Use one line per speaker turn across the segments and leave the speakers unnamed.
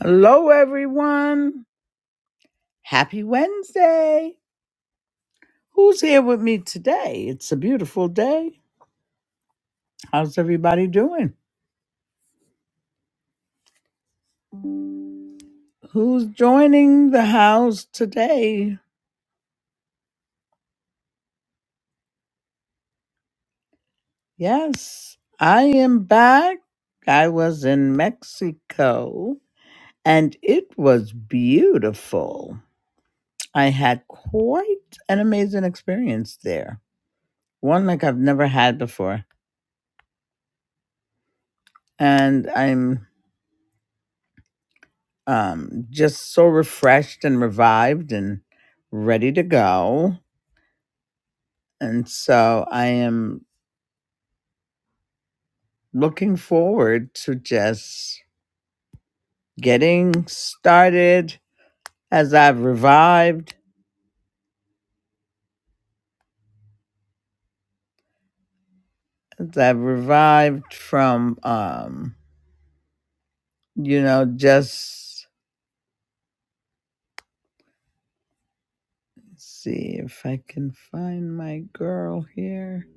Hello, everyone. Happy Wednesday. Who's here with me today? It's a beautiful day. How's everybody doing? Who's joining the house today? Yes, I am back. I was in Mexico and it was beautiful. I had quite an amazing experience there, one like I've never had before. And I'm um, just so refreshed and revived and ready to go. And so I am looking forward to just getting started as I've revived, as I've revived from, um, you know, just let's see if I can find my girl here.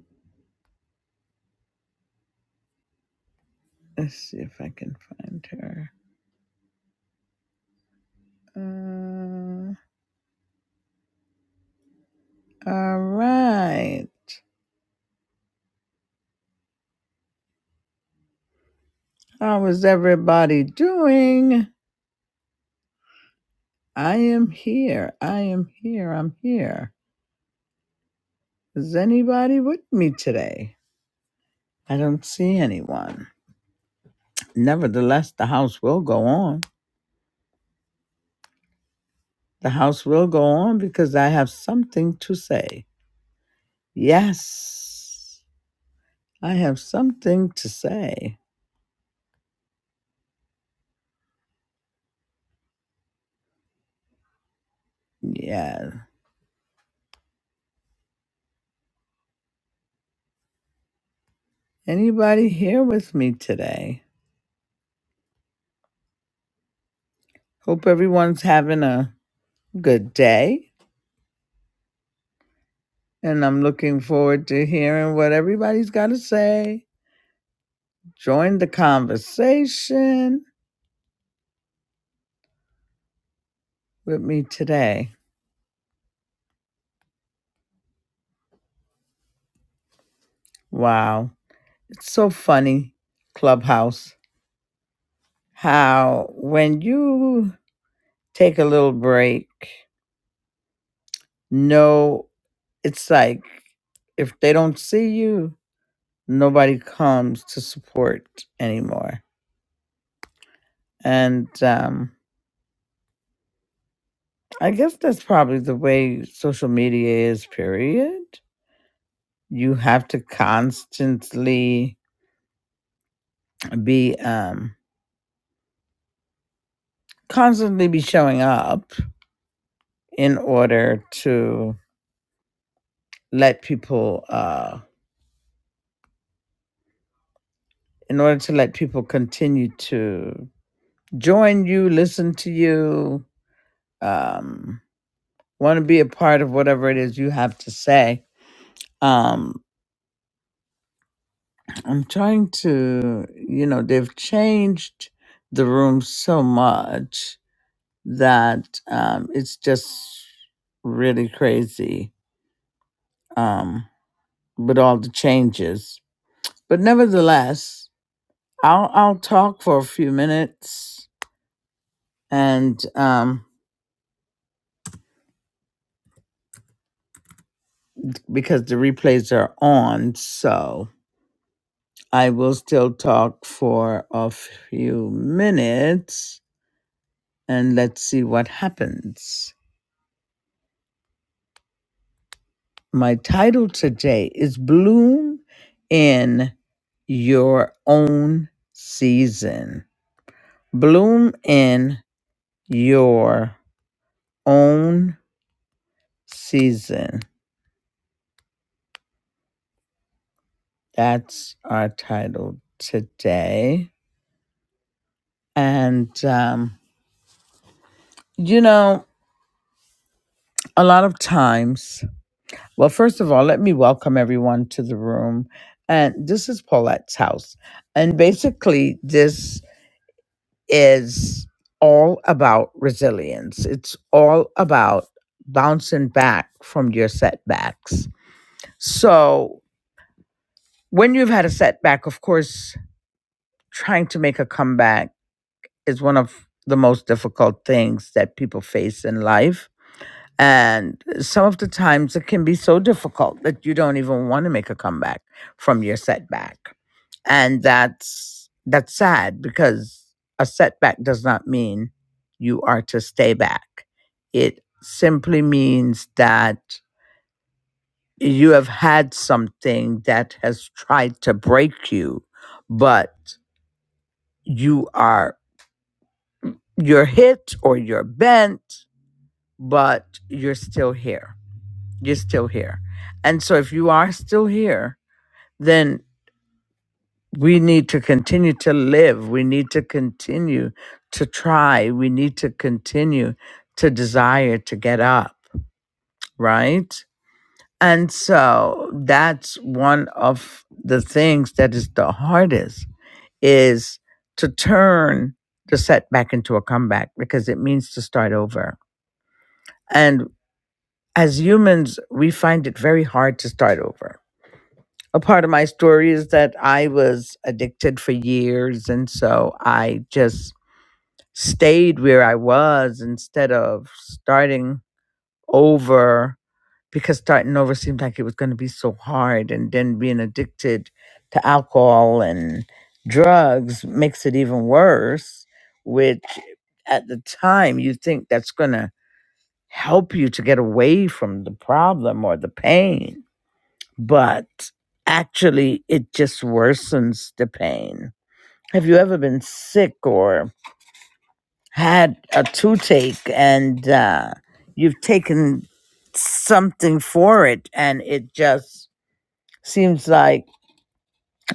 Let's see if I can find her. Uh, all right. How is everybody doing? I am here. I am here. I'm here. Is anybody with me today? I don't see anyone. Nevertheless, the house will go on. The house will go on because I have something to say. Yes, I have something to say. Yeah. Anybody here with me today? Hope everyone's having a good day. And I'm looking forward to hearing what everybody's got to say. joined the conversation with me today. Wow. It's so funny, Clubhouse, how when you take a little break, no, it's like if they don't see you, nobody comes to support anymore. And um, I guess that's probably the way social media is, period. You have to constantly be um, constantly be showing up in order to let people uh in order to let people continue to join you listen to you um want to be a part of whatever it is you have to say um i'm trying to you know they've changed the room so much that um it's just really crazy um with all the changes but nevertheless I'll I'll talk for a few minutes and um because the replays are on, so I will still talk for a few minutes and let's see what happens. My title today is Bloom in Your Own Season. Bloom in Your Own Season. That's our title today. And, um, you know, a lot of times, well, first of all, let me welcome everyone to the room. And this is Paulette's house. And basically, this is all about resilience, it's all about bouncing back from your setbacks. So, when you've had a setback, of course, trying to make a comeback is one of the most difficult things that people face in life And some of the times it can be so difficult that you don't even want to make a comeback from your setback. And that's that's sad because a setback does not mean you are to stay back. It simply means that you have had something that has tried to break you, but you are you're hit or you're bent, but you're still here You're still here. And so if you are still here, then we need to continue to live. We need to continue to try. We need to continue to desire to get up, right? And so that's one of the things that is the hardest is to turn the setback into a comeback because it means to start over. And as humans, we find it very hard to start over a part of my story is that I was addicted for years. And so I just stayed where I was instead of starting over because starting over seemed like it was going to be so hard. And then being addicted to alcohol and drugs makes it even worse, which at the time you think that's going to help you to get away from the problem or the pain but actually it just worsens the pain. Have you ever been sick or had a toothache and uh, you've taken something for it and it just seems like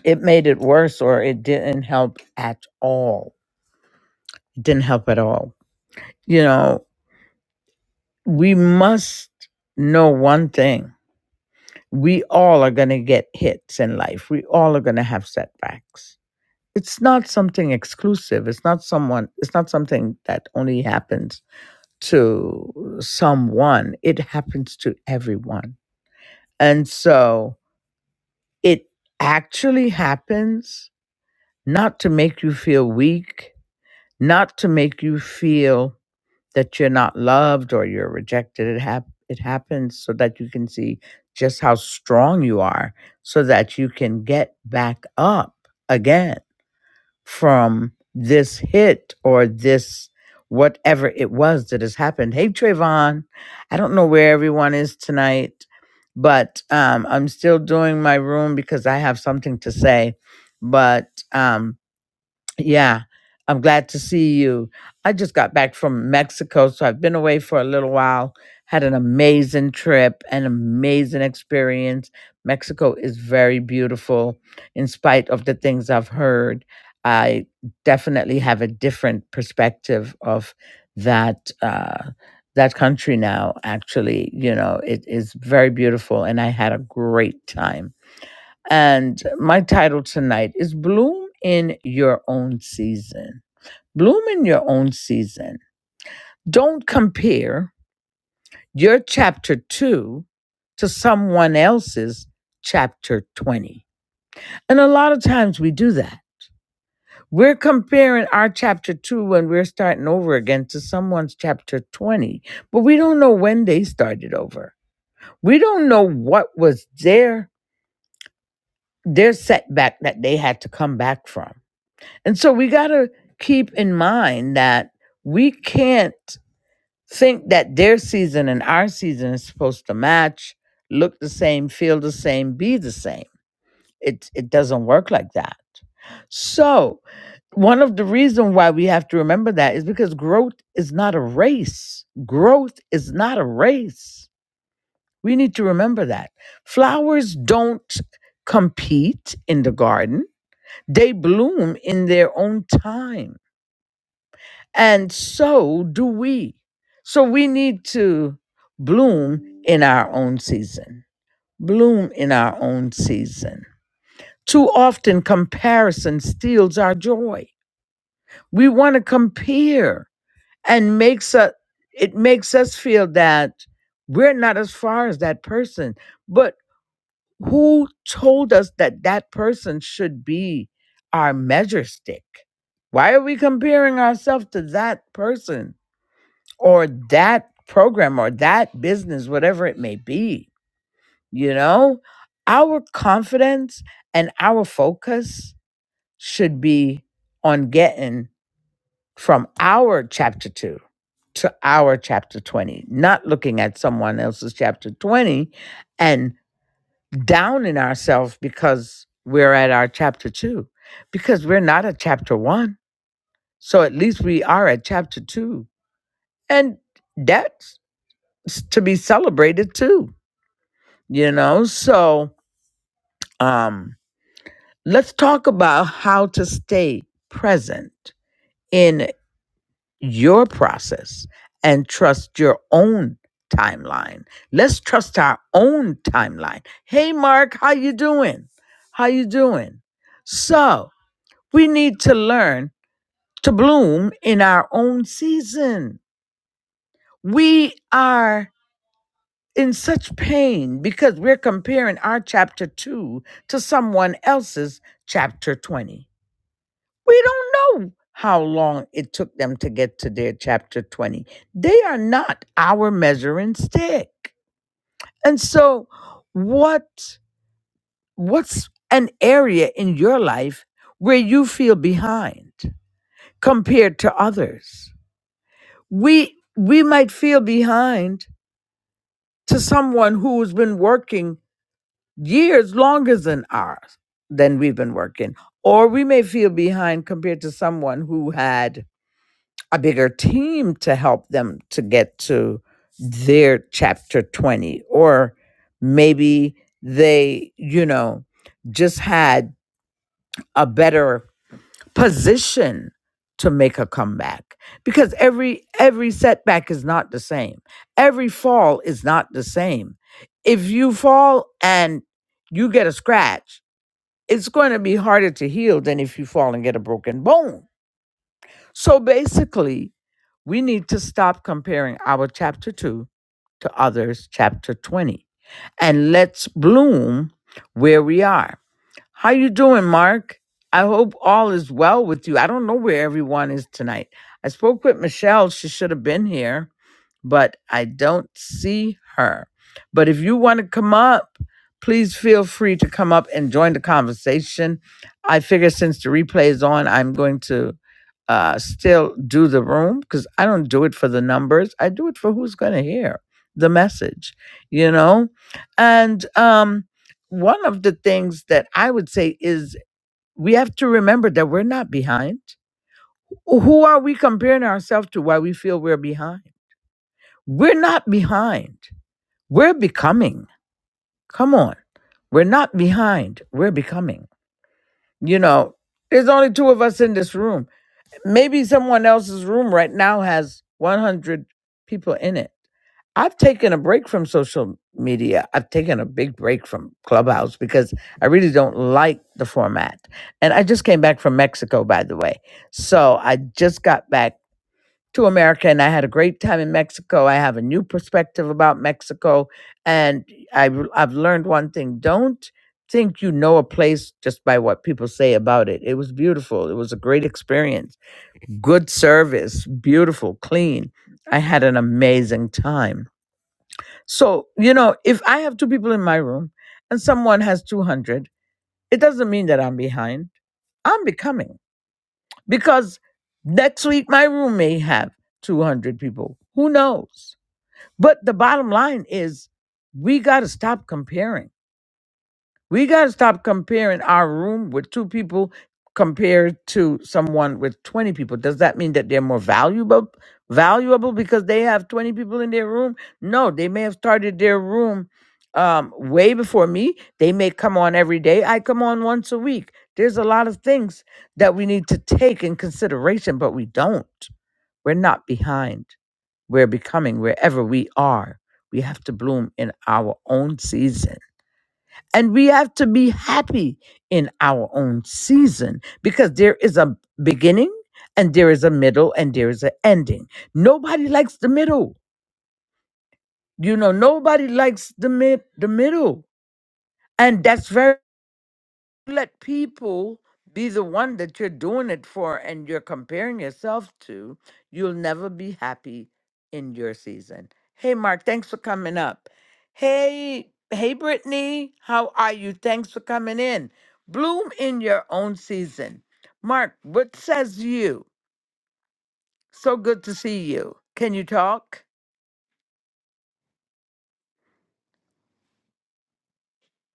it made it worse or it didn't help at all? It didn't help at all. You know, we must know one thing. We all are going to get hits in life. We all are going to have setbacks it's not something exclusive it's not someone it's not something that only happens to someone it happens to everyone and so it actually happens not to make you feel weak not to make you feel that you're not loved or you're rejected it hap- it happens so that you can see just how strong you are so that you can get back up again from this hit or this whatever it was that has happened. Hey, Trayvon, I don't know where everyone is tonight, but um, I'm still doing my room because I have something to say. But um, yeah, I'm glad to see you. I just got back from Mexico, so I've been away for a little while. Had an amazing trip, an amazing experience. Mexico is very beautiful, in spite of the things I've heard. I definitely have a different perspective of that uh, that country now. Actually, you know, it is very beautiful, and I had a great time and my title tonight is Bloom in Your Own Season. Bloom in Your Own Season. Don't compare your chapter two to someone else's chapter 20. And a lot of times we do that. We're comparing our chapter two when we're starting over again to someone's chapter 20, but we don't know when they started over. We don't know what was their their setback that they had to come back from And so we got to keep in mind that we can't think that their season and our season is supposed to match, look the same, feel the same, be the same. It it doesn't work like that. So, one of the reasons why we have to remember that is because growth is not a race. Growth is not a race. We need to remember that. Flowers don't compete in the garden. They bloom in their own time And so do we. So we need to bloom in our own season. Bloom in our own season. Too often, comparison steals our joy. We want to compare and makes us, it makes us feel that we're not as far as that person. But who told us that that person should be our measure stick? Why are we comparing ourselves to that person? or that program or that business, whatever it may be, you know, our confidence and our focus should be on getting from our chapter two to our chapter 20, not looking at someone else's chapter 20 and downing ourselves because we're at our chapter two, because we're not at chapter one. So at least we are at chapter two. And that's s- to be celebrated too you know so um let's talk about how to stay present in your process and trust your own timeline let's trust our own timeline hey mark how you doing how you doing so we need to learn to bloom in our own season we are in such pain because we're comparing our chapter 2 to someone else's chapter 20. We don't know how long it took them to get to their chapter 20. They are not our measuring stick. And so what what's an area in your life where you feel behind compared to others? We we might feel behind to someone who's been working years longer than ours than we've been working or we may feel behind compared to someone who had a bigger team to help them to get to their chapter 20 or maybe they you know just had a better position to make a comeback because every every setback is not the same every fall is not the same if you fall and you get a scratch it's going to be harder to heal than if you fall and get a broken bone. So basically, we need to stop comparing our chapter 2 to others chapter 20 and let's bloom where we are. How you doing, Mark? I hope all is well with you. I don't know where everyone is tonight. I spoke with Michelle, she should have been here but I don't see her. But if you want to come up, please feel free to come up and join the conversation. I figure since the replay is on, I'm going to uh, still do the room because I don't do it for the numbers. I do it for who's going to hear the message, you know? And um, one of the things that I would say is we have to remember that we're not behind. Who are we comparing ourselves to why we feel we're behind? We're not behind. We're becoming. Come on. We're not behind. We're becoming. You know, there's only two of us in this room. Maybe someone else's room right now has 100 people in it. I've taken a break from social media. I've taken a big break from Clubhouse because I really don't like the format. And I just came back from Mexico, by the way. So I just got back to America and I had a great time in Mexico. I have a new perspective about Mexico and I I've learned one thing. Don't think you know a place just by what people say about it. It was beautiful. It was a great experience. Good service, beautiful, clean. I had an amazing time. So, you know, if I have two people in my room and someone has 200, it doesn't mean that I'm behind. I'm becoming because next week my room may have 200 people. Who knows? But the bottom line is we got to stop comparing. We got to stop comparing our room with two people compared to someone with 20 people. Does that mean that they're more valuable valuable because they have 20 people in their room? No, they may have started their room um, way before me. They may come on every day. I come on once a week. There's a lot of things that we need to take in consideration, but we don't. We're not behind we're becoming, wherever we are, we have to bloom in our own season. And we have to be happy in our own season because there is a beginning and there is a middle and there is an ending. Nobody likes the middle. You know, nobody likes the mid the middle. And that's very let people be the one that you're doing it for and you're comparing yourself to, you'll never be happy in your season. Hey, Mark, thanks for coming up. Hey, hey, Brittany, how are you? Thanks for coming in. Bloom in your own season. Mark, what says you? So good to see you. Can you talk?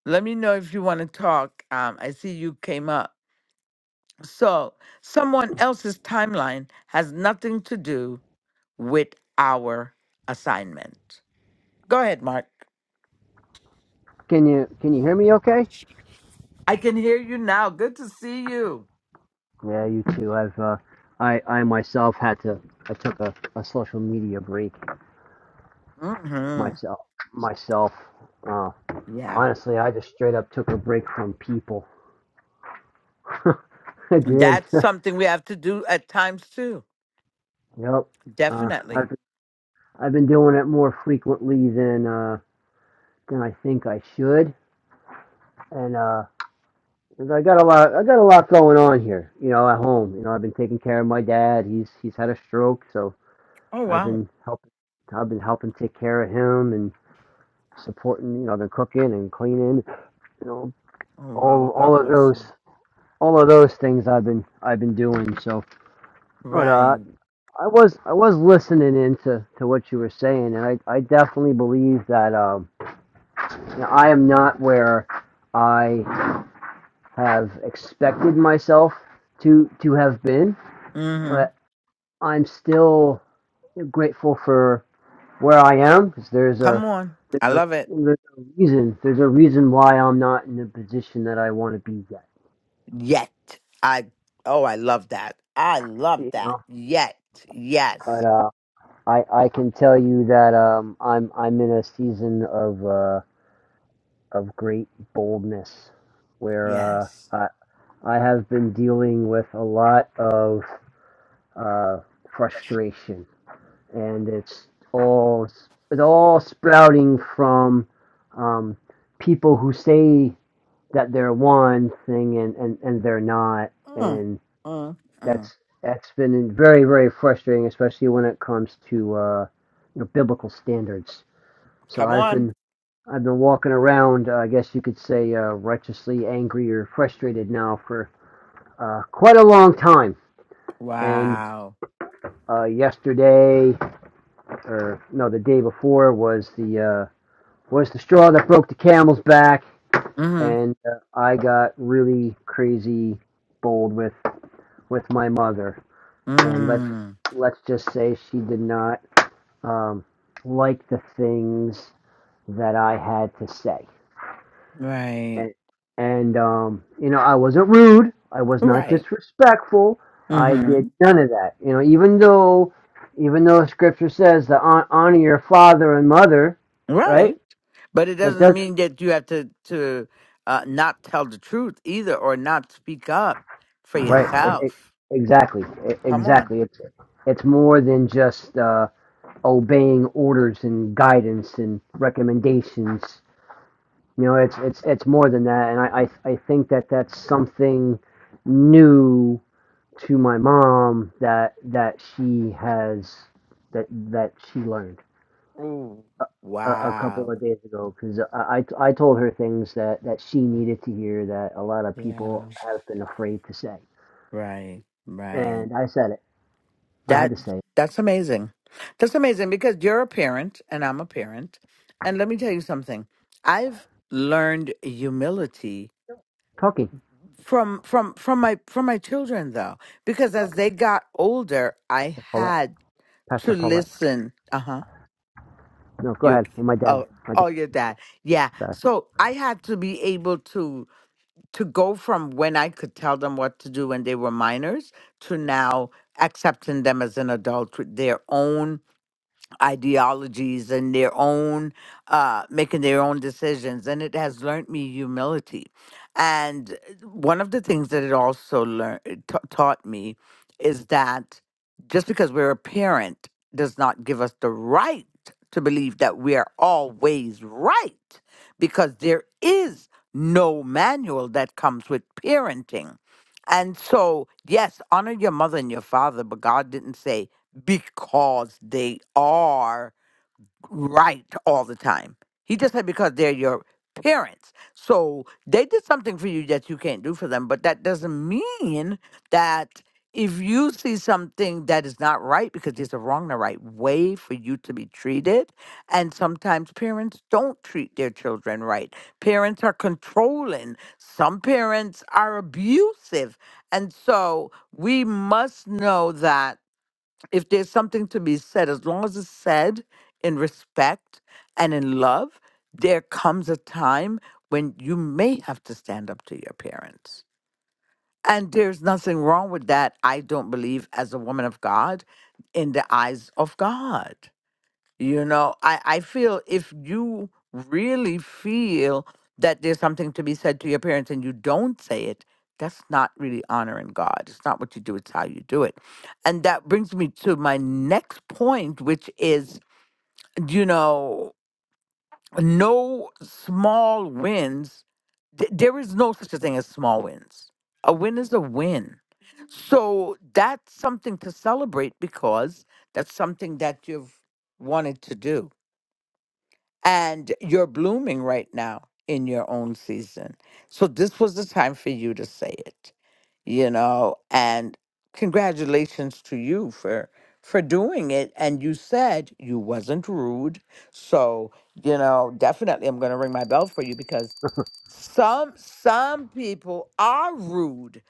Let me know if you want to talk. Um, I see you came up. So, someone else's timeline has nothing to do with our assignment. Go ahead, Mark.
Can you can you hear me okay?
I can hear you now. Good to see you.
Yeah, you too. I've uh, I I myself had to I took a, a social media break
hmm
myself myself. Uh,
Yeah.
honestly, I just straight up took a break from people. I did.
That's something we have to do at times too.
yep. Uh,
Definitely.
I've I've been doing it more frequently than uh than I think I should, and uh. 'cause I got a lot. I got a lot going on here, you know, at home. You know, I've been taking care of my dad. He's he's had a stroke, so
Oh,
I've
wow.
been helping. I've been helping take care of him and supporting. You know, I've cooking and cleaning. You know,
Oh, wow.
all
Well, God
all of
bless
those
you.
all of those things I've been I've been doing. So, but uh,
Right.
I was I was listening into to what you were saying, and I I definitely believe that um, you know, I am not where I have expected myself to to have been,
hmm
but I'm still grateful for. where I am, 'cause there's a
Come on.
there's
I
a
love it.
there's a reason there's a reason why I'm not in the position that I want to be yet.
Yet. I, oh, I love that. I love
You
that.
know,
Yet. Yes.
but uh, I I can tell you that um I'm I'm in a season of uh of great boldness, where uh
Yes.
I I have been dealing with a lot of uh frustration, and it's all it's all sprouting from um people who say that they're one thing and, and, and they're not
Mm,
and
mm, mm.
that's that's been very very frustrating especially when it comes to uh, you know, biblical standards so
Come
i've
on.
been i've been walking around uh, i guess you could say uh, righteously angry or frustrated now for uh, quite a long time and
Wow.
uh, yesterday or no the day before was the uh, was the straw that broke the camel's back
Mm-hmm.
and uh, i got really crazy bold with with my mother, and let's
Mm.
let's just say she did not um, like the things that I had to say,
Right.
and and um, you know I wasn't rude, I was
Right.
not
Right.
disrespectful, I did
Mhm.
none of that. You know, even though even though Scripture says to hon- honor your father and mother,
Right.
right?
But it
That
doesn't
does
mean that you have to to uh, not tell the truth either, or not speak up for
right e- e-
yourself.
exactly e-
Come on.
exactly. It's it's more than just. Uh, obeying orders and guidance and recommendations. You know, it's it's it's more than that, and I I, I think that that's something new to my mom that that she has that that she learned
Ooh.
a, a couple
Wow.
of days ago because I, I I told her things that that she needed to hear that a lot of
Yeah.
people have been afraid to say,
Right. Right.
and I said it. I had
That
to say it.
that's amazing. That's amazing because you're a parent and I'm a parent, and let me tell you something. I've learned humility
Talking,
from from from my from my children though because as they got older i
to Paulette,
had
Pastor
to
Paulette.
listen uh-huh
No, go
your
ahead. Well, my dad,
oh
my dad.
oh your dad yeah
Sorry.
so i had to be able to to go from when i could tell them what to do when they were minors to now accepting them as an adult with their own ideologies and their own uh making their own decisions and it has learned me humility and uh, one of the things that it also learned taught me is that just because we're a parent does not give us the right to believe that we are always right because there is no manual that comes with parenting and so yes honor your mother and your father but god didn't say because they are right all the time. He just said because they're your parents. So they did something for you that you can't do for them, but that doesn't mean that if you see something that is not right because there's a wrong and a right way for you to be treated and sometimes parents don't treat their children right parents are controlling some parents are abusive and so we must know that if there's something to be said, as long as it's said in respect and in love, there comes a time when you may have to stand up to your parents. And there's nothing wrong with that, I don't believe, as a woman of God, in the eyes of God. You know, I, I feel if you really feel that there's something to be said to your parents and you don't say it, that's not really honoring God. It's not what you do, it's how you do it. And that brings me to my next point, which is, you know, no small wins. Th- there is no such a thing as small wins. A win is a win. So that's something to celebrate because that's something that you've wanted to do and you're blooming right now in your own season. So this was the time for you to say it, you know, and congratulations to you for for doing it and you said you wasn't rude. So, you know, definitely I'm going to ring my bell for you because some some people are rude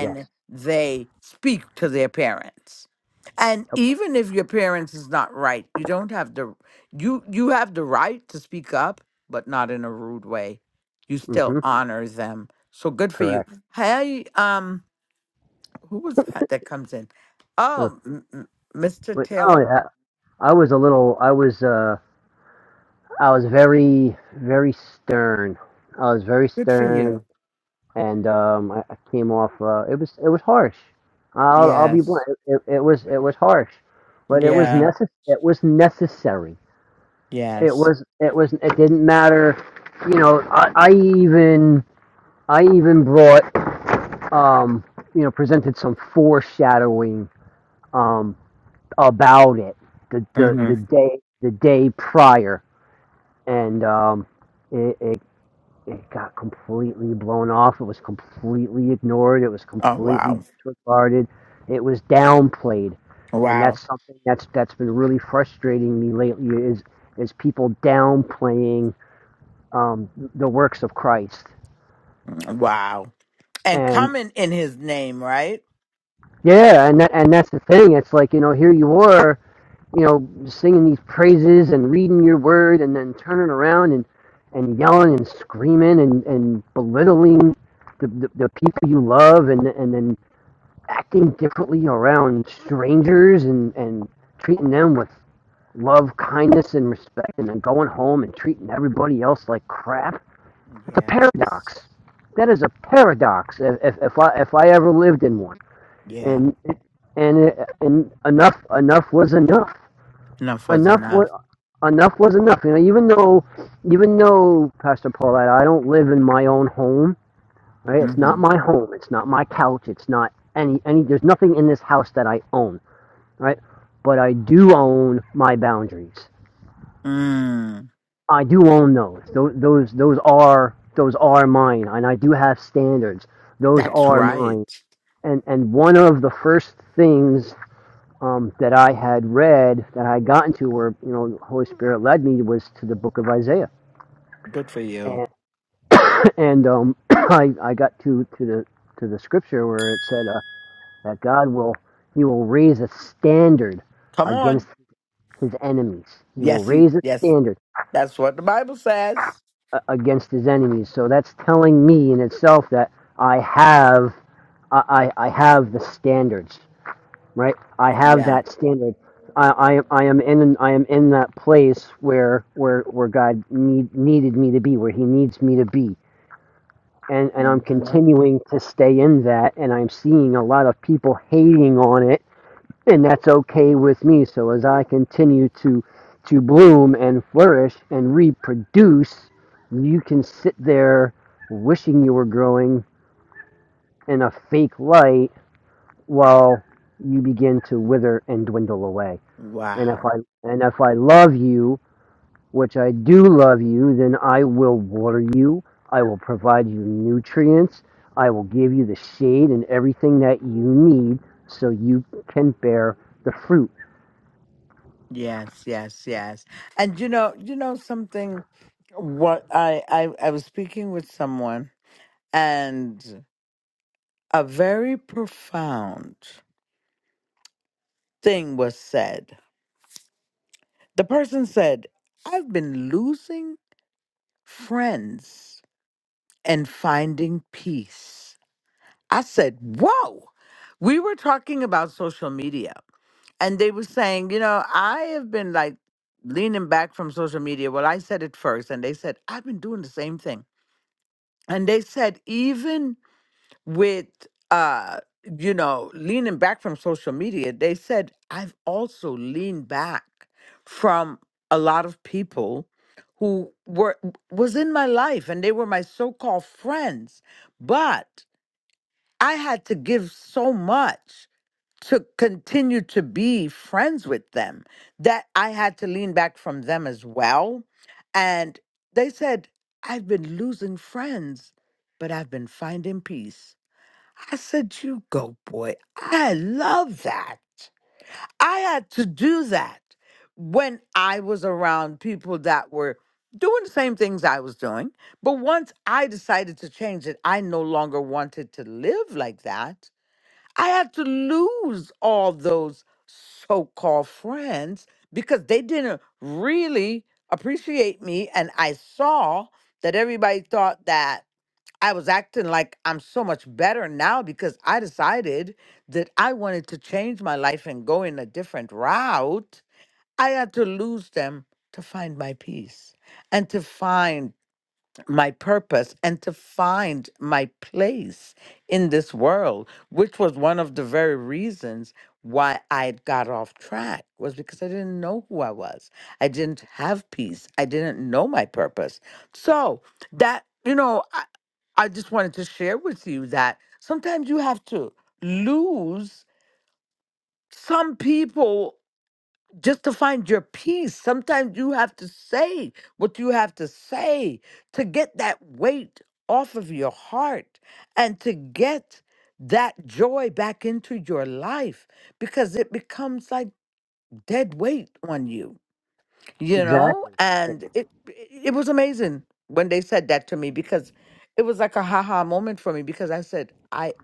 Yes.
they speak to their parents. And
Yep.
even if your parents is not right, you don't have the you you have the right to speak up, but not in a rude way. You
Mm-hmm.
still Mhm. honor them. So good for you.
Correct.
Hey, um, who was that that comes in?
Uh,
Oh, m- m- Mr.
But no,
Taylor,
I, I was a little. I was. Uh, I was very, very stern. I was very
good for
stern,
you.
and um, I, I came off. Uh, it was. It was harsh. I'll. I'll be blunt.
Yes.
It, it was. It was harsh, but it was
Yeah.
necess. It was necessary. It
Yes.
was. It was. It didn't matter. You know. I, I even. I even brought. Um. You know. Presented some foreshadowing. Um, about it the the, the
Mm-hmm.
day the day prior, and um, it, it it got completely blown off. It was completely ignored. It was
Oh
completely
wow.
disregarded. It was downplayed, and
Wow.
that's something that's that's been really frustrating me lately. Is is people downplaying um, the works of Christ?
Mm, Wow. and
And
coming in his name, right?
yeah, and that, and that's the thing. It's like you know, here you were. you know, singing these praises and reading your word and then turning around and, and yelling and screaming and, and belittling the, the, the people you love and, and then acting differently around strangers and, and treating them with love, kindness, and respect and then going home and treating everybody else like crap. That's a
Yeah. that's-
paradox. That is a paradox if, if, if, I, if I ever lived in one.
Yeah.
And, and, and enough, enough was enough
Enough was
enough was
enough.
enough was enough. You know, even though even though Pastor Paulette, I don't live in my own home. Right? It's not
hmm
my home. It's not my couch. It's not any any. There's nothing in this house that I own. Right? But I do own my boundaries.
Mm,
I do own those. Those those those are those are mine, and I do have standards. Those
that's
are mine.
right.
And and one of the first things um, that I had read that I got into, where you know the Holy Spirit led me, was to the Book of Isaiah
Good for you.
and, and um, I I got to to the to the scripture where it said uh, that God will He will raise a standard
Come on.
against His enemies. He will
Yes, he,
raise a
yes.
standard
That's what the Bible says.
uh, against His enemies. So that's telling me in itself that I have I I, I have the standards right. I have
Yeah.
that standard. I, I, I am in I am in that place where where where God need, needed me to be where He needs me to be and and I'm
hmm
continuing to stay in that, and I'm seeing a lot of people hating on it, and that's okay with me. So as I continue to to bloom and flourish and reproduce, you can sit there wishing you were growing in a fake light while you begin to wither and dwindle away. And if
Wow.
I and if I love you which I do love you, then I will water you. I will provide you nutrients. I will give you the shade and everything that you need so you can bear the fruit.
Yes, yes, yes. And you know, you know something. What I I, I was speaking with someone, and a very profound thing was said The person said, I've been losing friends and finding peace. I said, Whoa, we were talking about social media, and they were saying, You know, I have been like leaning back from social media. Well, I said it first, and they said, I've been doing the same thing. And they said, Even with uh you know leaning back from social media they said i've also leaned back from a lot of people who were was in my life and they were my so-called friends but i had to give so much to continue to be friends with them that i had to lean back from them as well and they said i've been losing friends but i've been finding peace I said, You go, boy. I love that. I had to do that when I was around people that were doing the same things I was doing. But once I decided to change it, I no longer wanted to live like that. I had to lose all those so called friends because they didn't really appreciate me. And I saw that everybody thought that I was acting like I'm so much better now because I decided that I wanted to change my life and go in a different route. I had to lose them to find my peace and to find my purpose and to find my place in this world, which was one of the very reasons why I had got off track was because I didn't know who I was. I didn't have peace. I didn't know my purpose. So that, you know, I, I just wanted to share with you that sometimes you have to lose some people just to find your peace. Sometimes you have to say what you have to say to get that weight off of your heart and to get that joy back into your life because it becomes like dead weight on you, you know?
Exactly.
And it it was amazing when they said that to me because it was like a haha moment for me because I said, I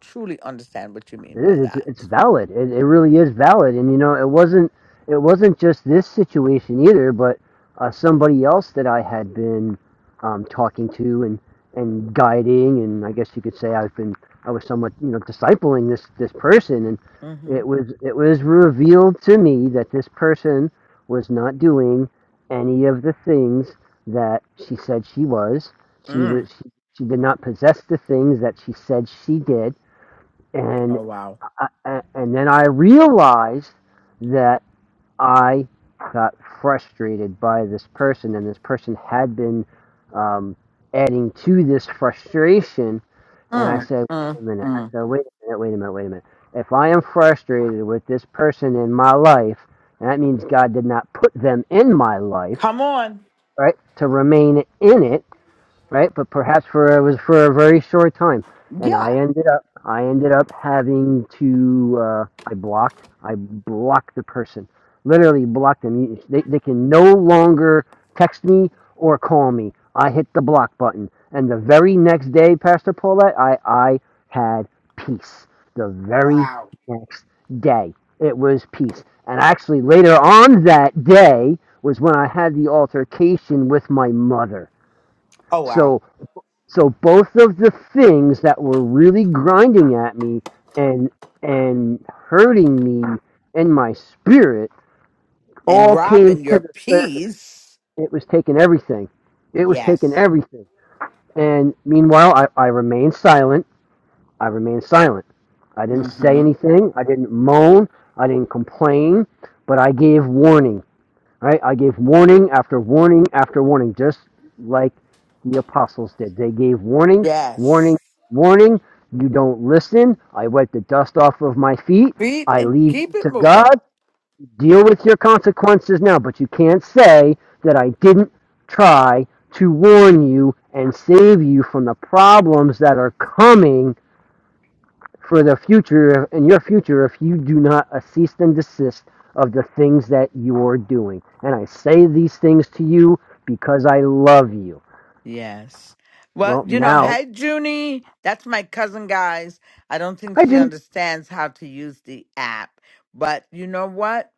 truly understand what you mean
It
by
is. It's,
that.
it's valid. It, it really is valid. And you know, it wasn't. It wasn't just this situation either, but uh, somebody else that I had been um, talking to and and guiding, and I guess you could say I've been. I was somewhat, you know, discipling this this person, and
Mm-hmm.
it was it was revealed to me that this person was not doing any of the things that she said she was. She
Mm.
was. She, she did not possess the things that she said she did and.
Oh wow.
I, a- and then I realized that I got frustrated by this person, and this person had been um, adding to this frustration. And I
Mm,
said,
mm,
wait a minute.
mm.
I said, wait a minute, wait a minute, wait a minute. If I am frustrated with this person in my life, and that means God did not put them in my life,
Come on.
right, to remain in it right? But perhaps for it was for a very short time, and I
Yeah.
ended up I ended up having to uh, I blocked I blocked the person, literally blocked them. You- They they can no longer text me or call me. I hit the block button, and the very next day, Pastor Paulette, I I had peace. The very
Wow.
next day, it was peace. And actually, later on that day was when I had the altercation with my mother.
Oh wow.
So so both of the things that were really grinding at me and and hurting me and my spirit
And
all came
Robin,
to
your
the surface.
peace.
It was taking everything. It was taking
Yes.
everything. And meanwhile, I, I remained silent. I remained silent. I didn't say
Mm-hmm.
anything. I didn't moan. I didn't complain. But I gave warning. Right? I gave warning after warning after warning, just like the apostles did. They gave warning,
Yes.
warning, warning. You don't listen. I wipe the dust off of my feet.
Feet
I
and
leave you
keep
to
it moving.
God. Deal with your consequences now. But you can't say that I didn't try to warn you and save you from the problems that are coming for the future in your future if you do not uh, cease and desist of the things that you're doing. And I say these things to you because I love you.
Yes. Well,
Well,
you know,
now,
hey, Junie, that's my cousin, guys. I don't think
hi,
she
Junie.
understands how to use the app. But you know what?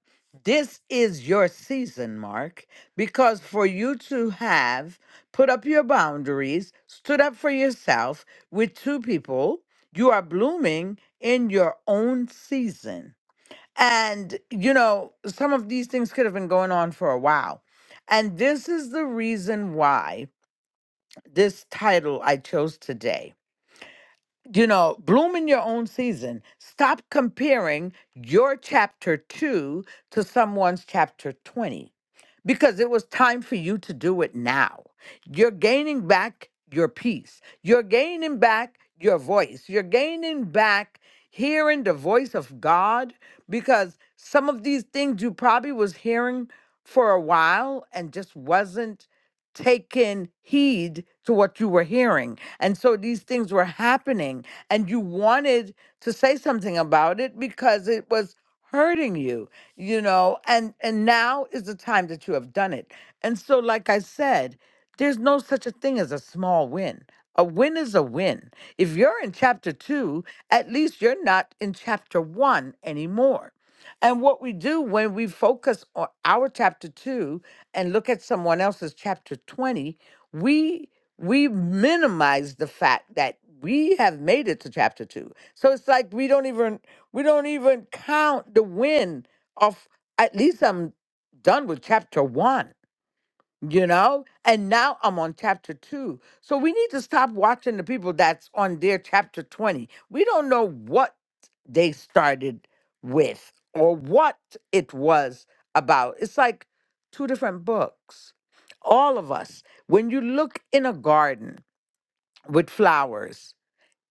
This is your season, Mark, because for you to have put up your boundaries, stood up for yourself with two people, you are blooming in your own season. And, you know, some of these things could have been going on for a while. And this is the reason why this title I chose today. You know, bloom in your own season. Stop comparing your chapter 2 to someone's chapter 20 because it was time for you to do it now. You're gaining back your peace. You're gaining back your voice. You're gaining back hearing the voice of God because some of these things you probably was hearing for a while and just wasn't taking heed to what you were hearing. And so these things were happening and you wanted to say something about it because it was hurting you you know and and now is the time that you have done it and so like i said there's no such a thing as a small win a win is a win if you're in chapter 2 at least you're not in chapter 1 anymore and what we do when we focus on our chapter 2 and look at someone else's chapter 20 we we minimize the fact that we have made it to chapter 2 so it's like we don't even we don't even count the win of at least I'm done with chapter one, you know? And now I'm on chapter two. So we need to stop watching the people that's on their chapter 20. We don't know what they started with or what it was about. It's like two different books. All of us, when you look in a garden with flowers,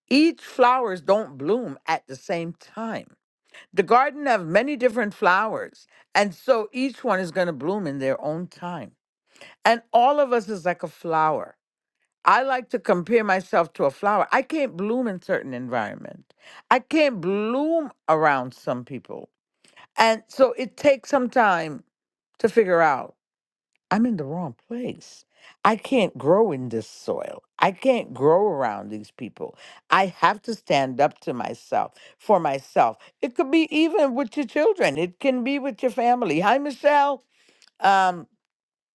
each flowers don't bloom at the same time the garden of many different flowers. And so each one is going to bloom in their own time. And all of us is like a flower. I like to compare myself to a flower. I can't bloom in certain environment. I can't bloom around some people. And so it takes some time to figure out I'm in the wrong place. I can't grow in this soil. I can't grow around these people. I have to stand up to myself for myself. It could be even with your children. It can be with your family. Hi, Michelle. Um,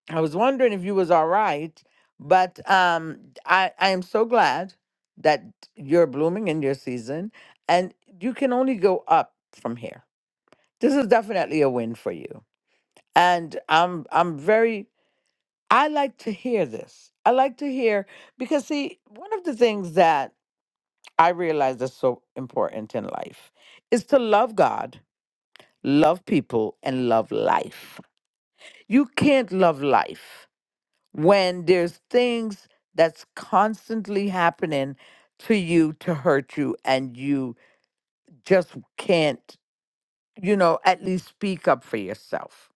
I was wondering if you was all right, but um, I I am so glad that you're blooming in your season, and you can only go up from here. This is definitely a win for you, and I'm I'm very I like to hear this. I like to hear because see, one of the things that I realize is so important in life is to love God, love people, and love life. You can't love life when there's things that's constantly happening to you to hurt you and you just can't, you know, at least speak up for yourself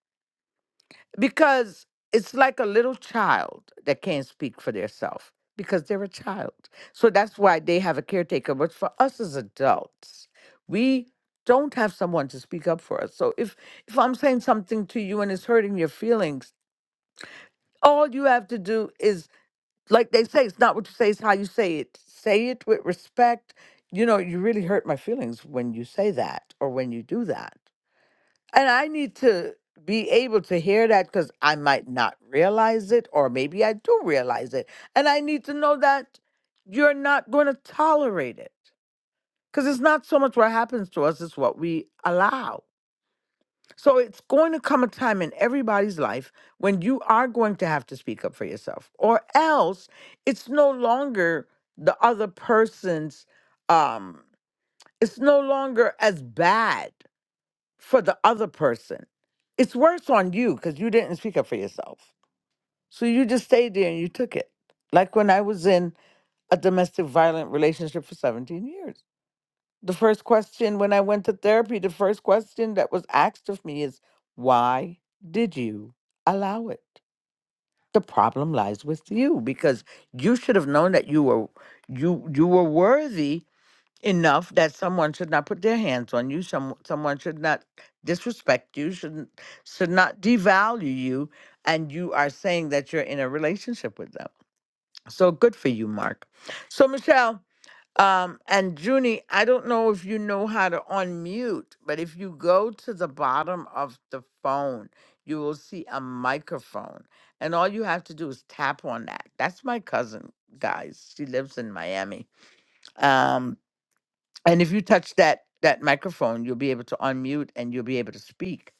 because it's like a little child that can't speak for themselves because they're a child. So that's why they have a caretaker. But for us as adults, we don't have someone to speak up for us. So if if I'm saying something to you and it's hurting your feelings, all you have to do is like they say, it's not what you say, it's how you say it. Say it with respect. You know, you really hurt my feelings when you say that or when you do that. And I need to be able to hear that because I might not realize it, or maybe I do realize it. And I need to know that you're not going to tolerate it because it's not so much what happens to us, it's what we allow. So it's going to come a time in everybody's life when you are going to have to speak up for yourself, or else it's no longer the other person's, um, it's no longer as bad for the other person. It's worse on you because you didn't speak up for yourself. So you just stayed there and you took it. Like when I was in a domestic violent relationship for 17 years. The first question when I went to therapy, the first question that was asked of me is, why did you allow it? The problem lies with you because you should have known that you were you you were worthy enough that someone should not put their hands on you. Some someone should not disrespect you. Shouldn't should not devalue you. And you are saying that you're in a relationship with them. So good for you, Mark. So Michelle um, and Junie, I don't know if you know how to unmute, but if you go to the bottom of the phone, you will see a microphone, and all you have to do is tap on that. That's my cousin, guys. She lives in Miami. Um, and if you touch that that microphone, you'll be able to unmute and you'll be able to speak.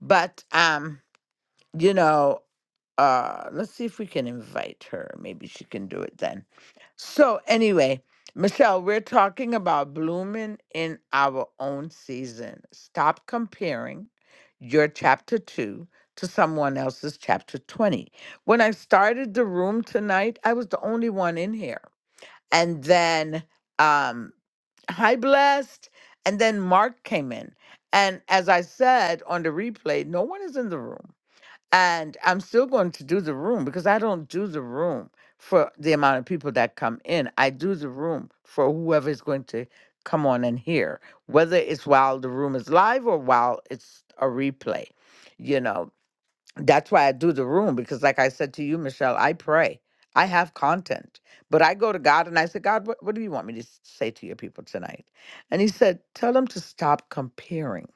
But um, you know, uh, let's see if we can invite her. Maybe she can do it then. So anyway, Michelle, we're talking about blooming in our own season. Stop comparing your chapter two to someone else's chapter 20. When I started the room tonight, I was the only one in here and then um hi blessed and then mark came in and as i said on the replay no one is in the room and i'm still going to do the room because i don't do the room for the amount of people that come in i do the room for whoever is going to come on and hear whether it's while the room is live or while it's a replay you know that's why I do the room because, like I said to you, Michelle, I pray. I have content, but I go to God and I say, God, what, what do you want me to s- say to your people tonight? And He said, Tell them to stop comparing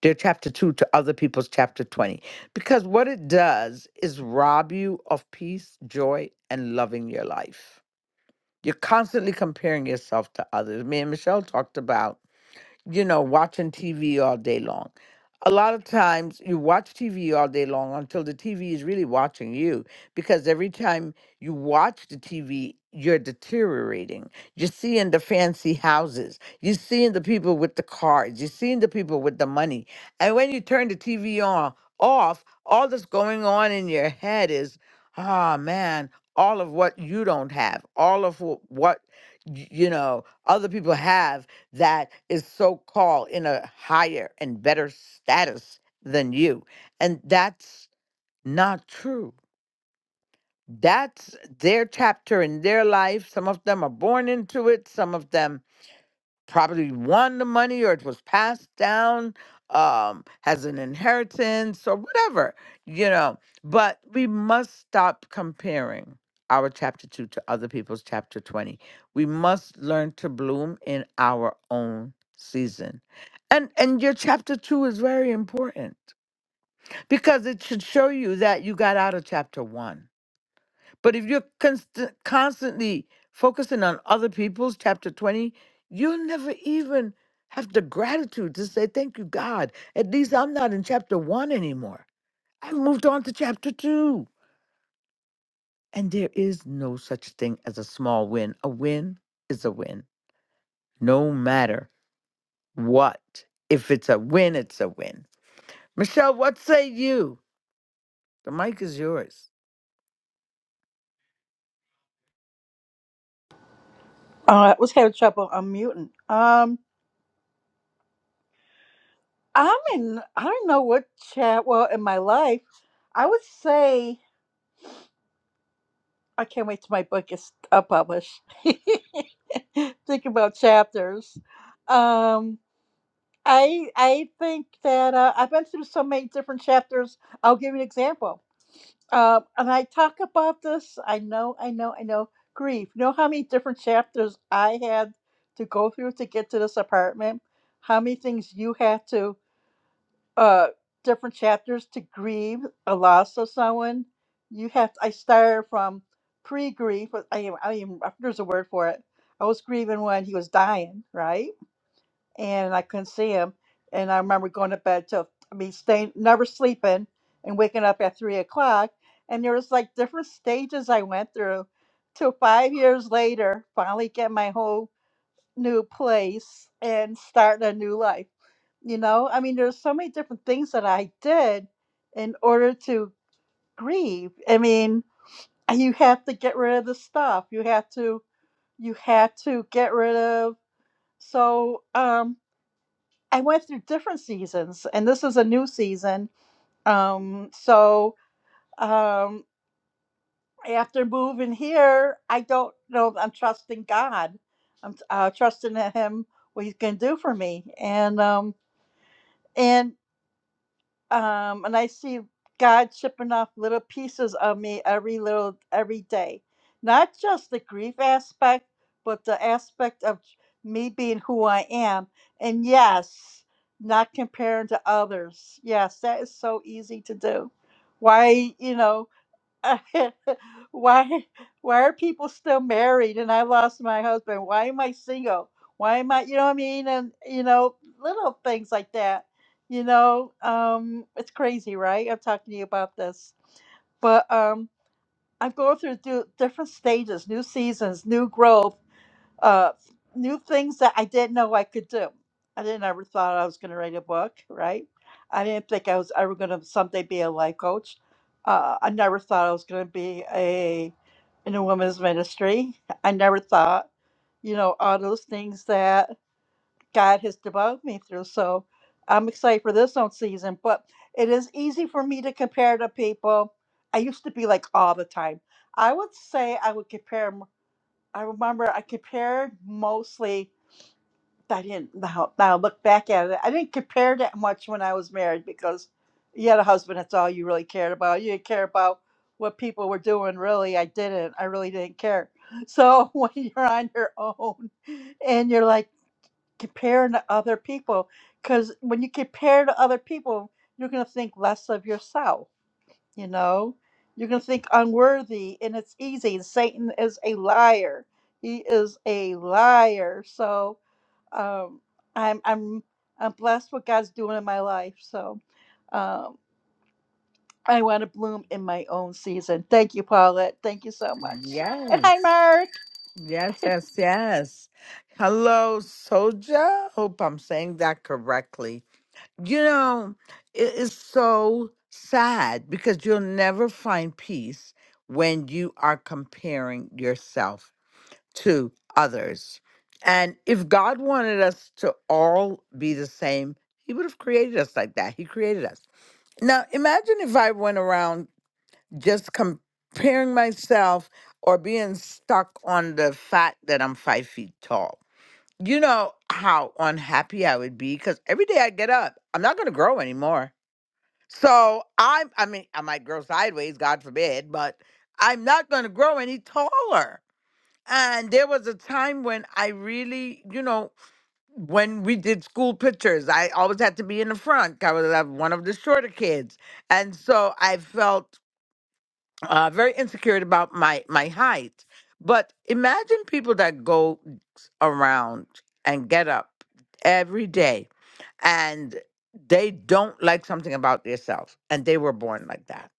their chapter two to other people's chapter 20, because what it does is rob you of peace, joy, and loving your life. You're constantly comparing yourself to others. Me and Michelle talked about you know, watching TV all day long. A lot of times you watch TV all day long until the TV is really watching you because every time you watch the TV, you're deteriorating. You're seeing the fancy houses, you're seeing the people with the cars, you're seeing the people with the money. And when you turn the TV on off, all that's going on in your head is, ah man, all of what you don't have, all of wh- what y- you know other people have that is so called in a higher and better status than you. And that's not true. That's their chapter in their life. Some of them are born into it, some of them probably won the money or it was passed down um has an inheritance or whatever you know but we must stop comparing our chapter 2 to other people's chapter 20 we must learn to bloom in our own season and and your chapter 2 is very important because it should show you that you got out of chapter 1 but if you're const- constantly focusing on other people's, chapter 20, you'll never even have the gratitude to say, Thank you, God. At least I'm not in chapter one anymore. I moved on to chapter two. And there is no such thing as a small win. A win is a win, no matter what. If it's a win, it's a win. Michelle, what say you? The mic is yours.
Uh, I was having trouble unmuting. Um, I'm in, I don't know what chat, well, in my life, I would say, I can't wait till my book is uh, published. Think about chapters. Um, I I think that uh, I've been through so many different chapters. I'll give you an example. Uh, and I talk about this. I know, I know, I know. Grief. You know how many different chapters I had to go through to get to this apartment? How many things you had to? uh different chapters to grieve a loss of someone. You have I started from pre grief. I am I am there's a word for it. I was grieving when he was dying, right? And I couldn't see him. And I remember going to bed till I mean staying never sleeping and waking up at three o'clock. And there was like different stages I went through till five years later, finally get my whole new place and starting a new life. You know, I mean, there's so many different things that I did in order to grieve. I mean, you have to get rid of the stuff. You have to, you had to get rid of. So, um, I went through different seasons, and this is a new season. Um, so, um, after moving here, I don't know. I'm trusting God. I'm uh, trusting that Him what He's going to do for me, and um, and um and i see god chipping off little pieces of me every little every day not just the grief aspect but the aspect of me being who i am and yes not comparing to others yes that is so easy to do why you know why why are people still married and I lost my husband? Why am I single? Why am I you know what I mean? And you know, little things like that. You know, um, it's crazy, right? I'm talking to you about this. But um I'm going through do, different stages, new seasons, new growth uh, new things that I didn't know I could do. I didn't ever thought I was going to write a book, right? I didn't think I was ever going to someday be a life coach. Uh, I never thought I was going to be a in a women's ministry. I never thought, you know, all those things that God has developed me through. So I'm excited for this own season, but it is easy for me to compare to people. I used to be like all the time. I would say I would compare. I remember I compared mostly. I didn't now, now look back at it. I didn't compare that much when I was married because you had a husband. That's all you really cared about. You didn't care about what people were doing. Really, I didn't. I really didn't care. So when you're on your own and you're like comparing to other people, because when you compare to other people, you're gonna think less of yourself you know, you can think unworthy, and it's easy. Satan is a liar. He is a liar. So um, I'm I'm I'm blessed what God's doing in my life. So um, I want to bloom in my own season. Thank you, Paulette. Thank you so much. And hi,
Yes.
Mark.
Yes, yes, yes. Hello, Soja. Hope I'm saying that correctly. You know, it is so sad because you'll never find peace when you are comparing yourself to others. And if God wanted us to all be the same, He would have created us like that. He created us. Now, imagine if I went around just comparing myself or being stuck on the fact that I'm five feet tall. You know how unhappy I would be because every day I get up, I'm not going to grow anymore. So I'm, I mean, I might grow sideways, God forbid, but I'm not going to grow any taller. And there was a time when I really, you know, when we did school pictures, I always had to be in the front. I was uh, one of the shorter kids. And so I felt uh, very insecure about my my height. But imagine people that go around and get up every day and they don't like something about themselves and they were born like that.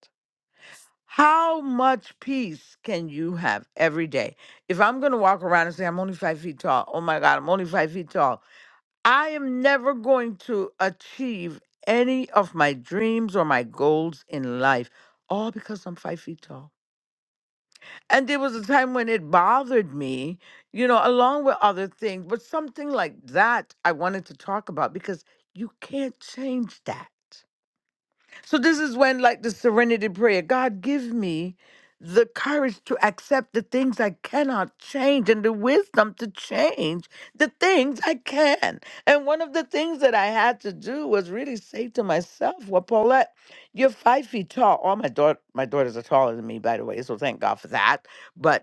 How much peace can you have every day? If I'm going to walk around and say, I'm only five feet tall, oh my God, I'm only five feet tall, I am never going to achieve any of my dreams or my goals in life, all because I'm five feet tall. And there was a time when it bothered me, you know, along with other things, but something like that I wanted to talk about because you can't change that. So this is when, like the serenity prayer, God give me the courage to accept the things I cannot change and the wisdom to change the things I can. And one of the things that I had to do was really say to myself, well, Paulette, you're five feet tall. All my daughter my daughters are taller than me, by the way, so thank God for that. But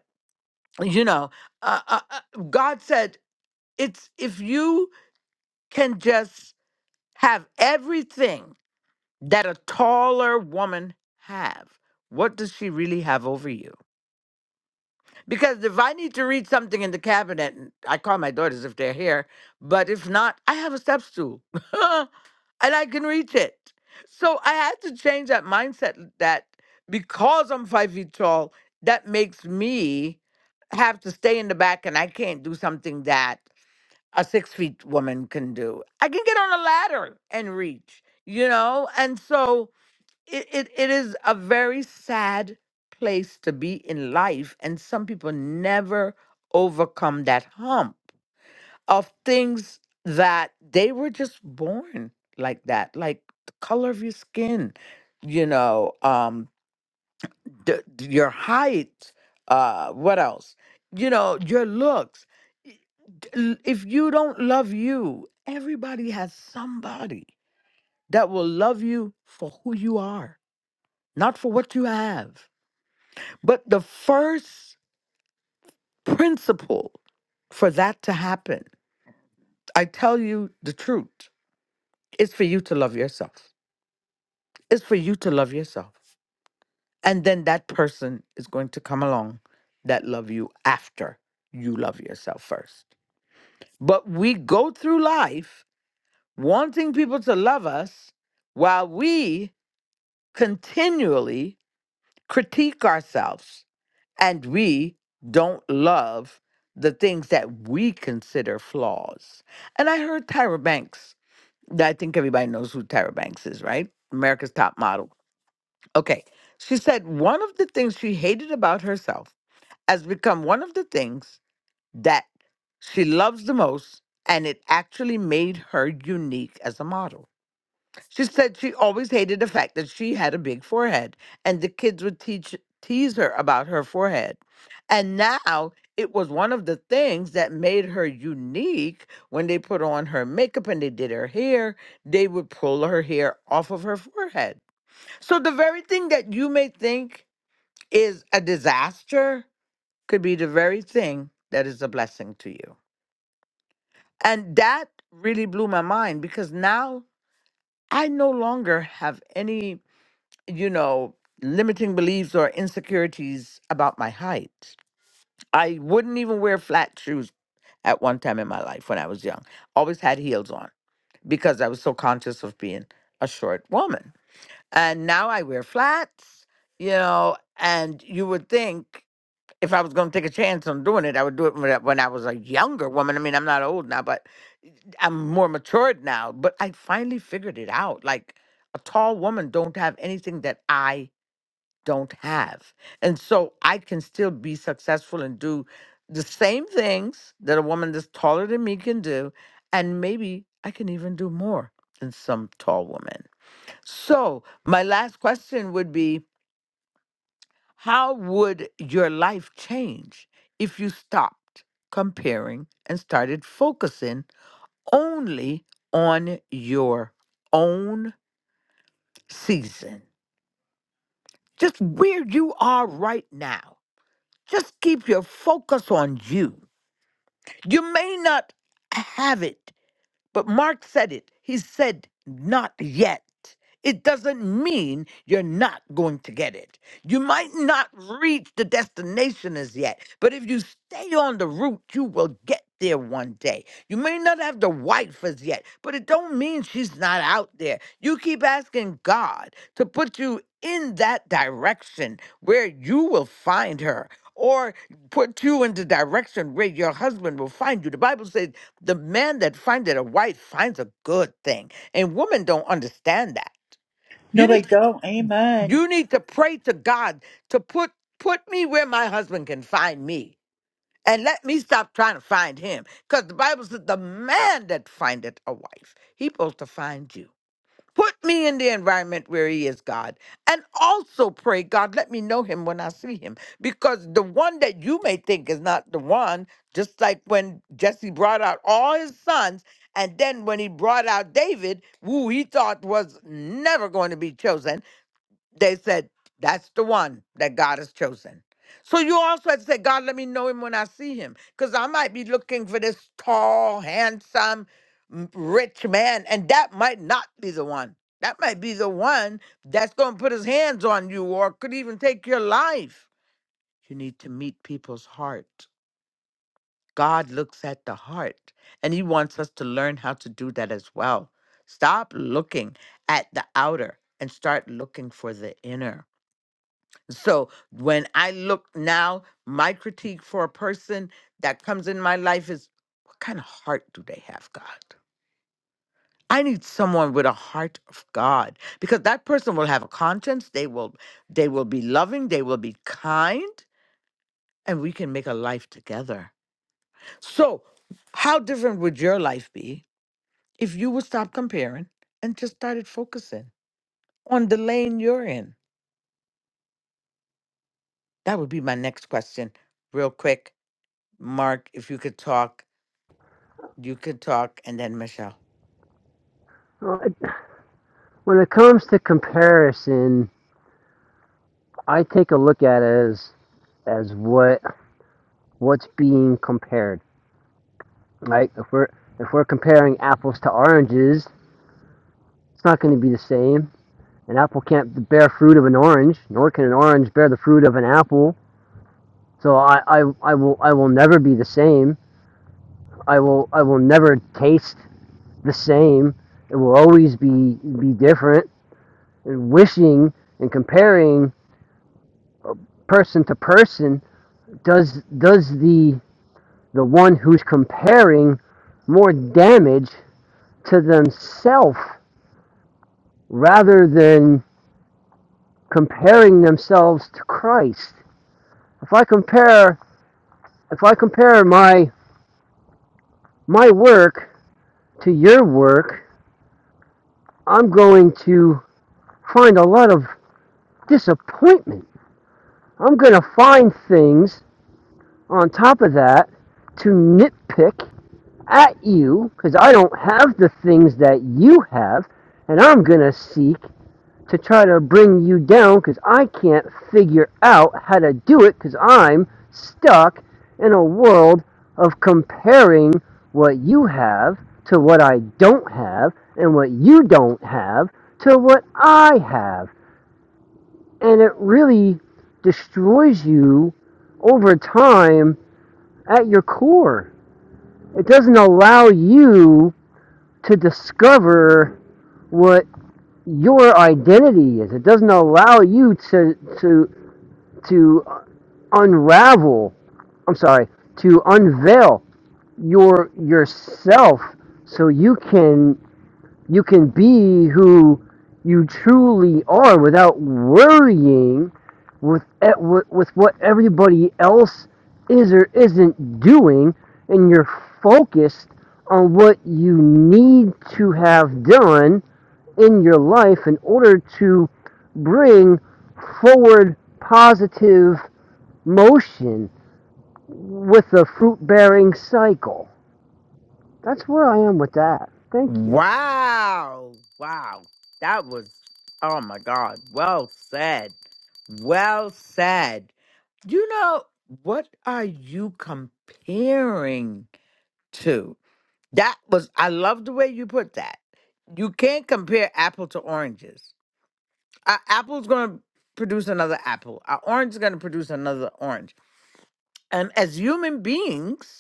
you know uh, uh, uh, god said it's if you can just have everything that a taller woman have what does she really have over you because if i need to read something in the cabinet and i call my daughters if they're here but if not i have a step stool and i can reach it so i had to change that mindset that because i'm five feet tall that makes me have to stay in the back and i can't do something that a six feet woman can do. I can get on a ladder and reach, you know? And so it, it, it is a very sad place to be in life. And some people never overcome that hump of things that they were just born like that, like the color of your skin, you know? Um the, your height, uh, what else? You know, your looks. Y- d- l- If you don't love you, everybody has somebody that will love you for who you are, not for what you have. But the first principle for that to happen, I tell you the truth, is for you to love yourself. It's for you to love yourself. And then that person is going to come along that love you after you love yourself first. But we go through life wanting people to love us while we continually critique ourselves and we don't love the things that we consider flaws. And I heard Tyra Banks, I think everybody knows who Tyra Banks is, right? America's top model. Okay. She said one of the things she hated about herself has become one of the things that she loves the most, and it actually made her unique as a model. She said she always hated the fact that she had a big forehead, and the kids would teach, tease her about her forehead. And now it was one of the things that made her unique when they put on her makeup and they did her hair, they would pull her hair off of her forehead. So the very thing that you may think is a disaster could be the very thing that is a blessing to you. And that really blew my mind because now I no longer have any, you know, limiting beliefs or insecurities about my height. I wouldn't even wear flat shoes at one time in my life when I was young. Always had heels on because I was so conscious of being a short woman. And now I wear flats, you know, and you would think if I was going to take a chance on doing it, I would do it when I when I was a younger woman. I mean, I'm not old now, but I'm more matured now. But I finally figured it out. Like a tall woman don't have anything that I don't have, and so I can still be successful and do the same things that a woman that's taller than me can do, and maybe I can even do more than some tall woman. So my last question would be how would your life change if you stopped comparing and started focusing only on your own season? Just where you are right now. Just keep your focus on you. You may not have it But Mark said it. He said, not yet. It doesn't mean you're not going to get it. You might not reach the destination as yet, but if you stay on the route, you will get there one day. You may not have the wife as yet, but it don't mean she's not out there. You keep asking God to put you in that direction where you will find her or put you in the direction where your husband will find you. The Bible says the man that findeth a wife finds a good thing. And women don't understand that.
No,
You
they
need Really?
don't. Amen.
you need to pray to God to put put me where my husband can find me. And let me stop trying to find him. Because the Bible says the man that findeth a wife, he supposed to find you. Put me in the environment where he is, God. And also pray, God, let me know him when I see him. Because the one that you may think is not the one, just like when Jesse brought out all his sons, and then when he brought out David, who he thought was never going to be chosen they said, That's the one that God has chosen. So you also have to say, God, let me know him when I see him. Because I might be looking for this tall, handsome, m- rich man, and that might not be the one. That might be the one that's going to put his hands on you or could even take your life. You need to meet people's heart. God looks at the heart, and he wants us to learn how to do that as well. Stop looking at the outer and start looking for the inner so when I look now, my critique for a person that comes in my life is what kind of heart do they have, God? I need someone with a heart of God because that person will have a conscience, they will they will be loving, they will be kind, and we can make a life together. So, how different would your life be if you would stop comparing and just started focusing on the lane you're in? That would be my next question. Real quick, Mark, if you could talk You could talk and then Michelle.
Uh, When it comes to comparison, I take a look at it as as what what's being compared. Right? If we're if we're comparing apples to oranges, it's not going to be the same. An apple can't bear fruit of an orange, nor can an orange bear the fruit of an apple So I, I, I will I will never be the same. I will I will never taste the same. It will always be be different. And wishing and comparing person to person does does the the one who's comparing more damage to themselves rather than comparing themselves to Christ. If I compare if I compare my my work to your work, I'm going to find a lot of disappointment. I'm going to find things on top of that to nitpick at you because I don't have the things that you have, and I'm going to seek to try to bring you down because I can't figure out how to do it because I'm stuck in a world of comparing what you have to what I don't have and what you don't have to what I have and it really destroys you over time at your core. It doesn't allow you to discover what your identity is. It doesn't allow you to to to unravel. I'm sorry, to unveil your yourself so you can you can be who you truly are without worrying with e- with what everybody else is or isn't doing, and you're focused on what you need to have done in your life in order to bring forward positive motion with a fruit bearing cycle. That's where I am with that. Thank you.
Wow. Wow. That was, oh my God. Well said. Well said. You know, what are you comparing to? That was, I love the way you put that. You can't compare apple to oranges. A apple's going to produce another apple, an orange is going to produce another orange. And as human beings,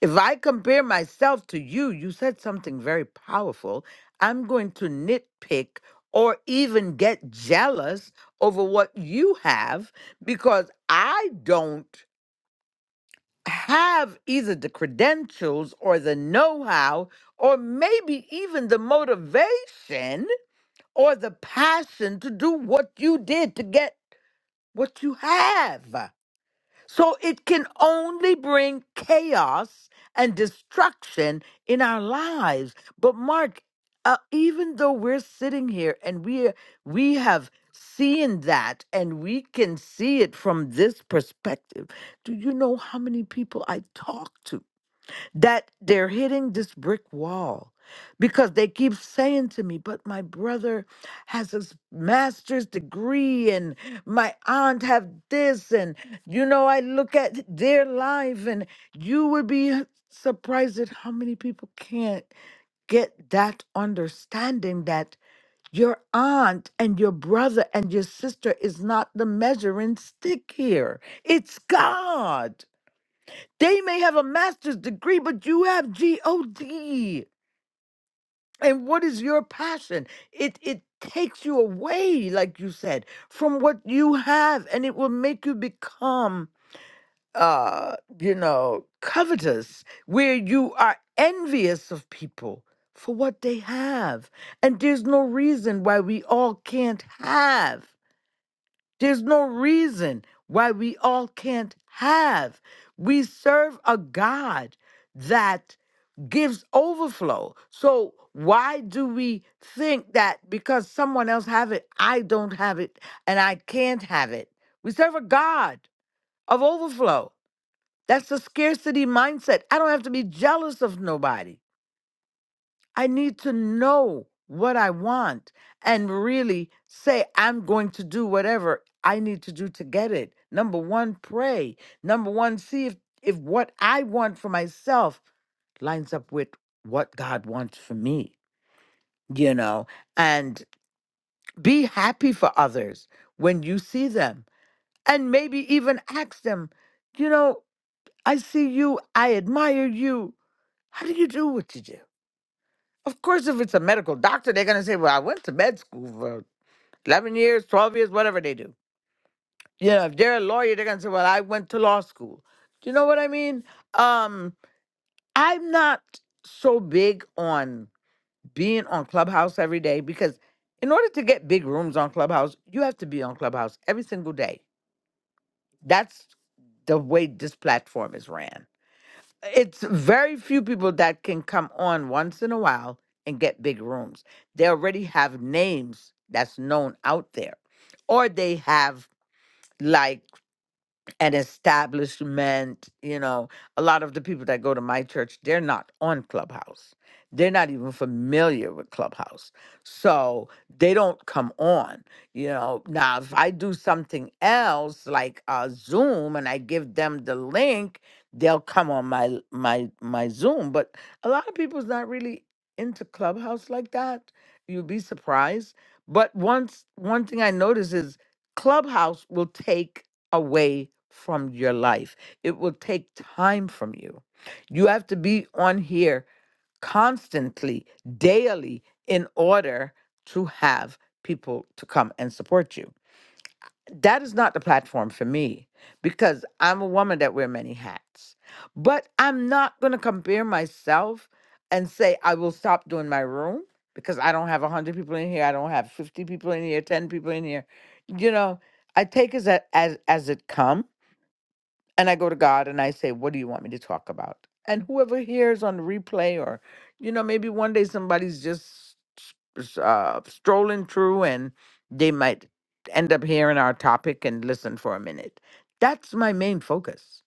If I compare myself to you, you said something very powerful. I'm going to nitpick or even get jealous over what you have because I don't have either the credentials or the know how or maybe even the motivation or the passion to do what you did to get what you have. So it can only bring chaos and destruction in our lives. But Mark, uh, even though we're sitting here and we we have seen that and we can see it from this perspective, do you know how many people I talk to? that they're hitting this brick wall because they keep saying to me, but my brother has his master's degree and my aunt have this and you know I look at their life and you would be surprised at how many people can't get that understanding that your aunt and your brother and your sister is not the measuring stick here. It's God. They may have a master's degree, but you have GOD. And what is your passion? It it takes you away, like you said, from what you have, and it will make you become uh, you know, covetous, where you are envious of people for what they have. And there's no reason why we all can't have. There's no reason why we all can't have. We serve a God that gives overflow. So why do we think that because someone else have it, I don't have it and I can't have it? We serve a God of overflow. That's the scarcity mindset. I don't have to be jealous of nobody. I need to know what I want and really say I'm going to do whatever I need to do to get it. Number 1, pray. Number 1, see if if what I want for myself lines up with what God wants for me, you know, and be happy for others when you see them. And maybe even ask them, you know, I see you, I admire you. How do you do what you do? Of course, if it's a medical doctor, they're going to say, well, I went to med school for 11 years, 12 years, whatever they do. You know, if they're a lawyer, they're going to say, well, I went to law school. Do you know what I mean? Um, I'm not so big on being on Clubhouse every day because in order to get big rooms on Clubhouse, you have to be on Clubhouse every single day. That's the way this platform is ran. It's very few people that can come on once in a while and get big rooms. They already have names that's known out there, or they have like an establishment. You know, a lot of the people that go to my church, they're not on Clubhouse. They're not even familiar with Clubhouse. So they don't come on. You know, now if I do something else like uh, Zoom and I give them the link, they'll come on my my my Zoom. But a lot of people's not really into Clubhouse like that. You'd be surprised. But once one thing I notice is Clubhouse will take away from your life. It will take time from you. You have to be on here constantly, daily, in order to have people to come and support you. That is not the platform for me because I'm a woman that wear many hats. But I'm not going to compare myself and say I will stop doing my room because I don't have 100 people in here, I don't have 50 people in here, 10 people in here. You know, I take as a- as as it come and I go to God and I say, What do you want me to talk about? And whoever hears on replay, or, you know, maybe one day somebody's just s- uh, strolling through and they might end up hearing our topic and listen for a minute. That's my main focus,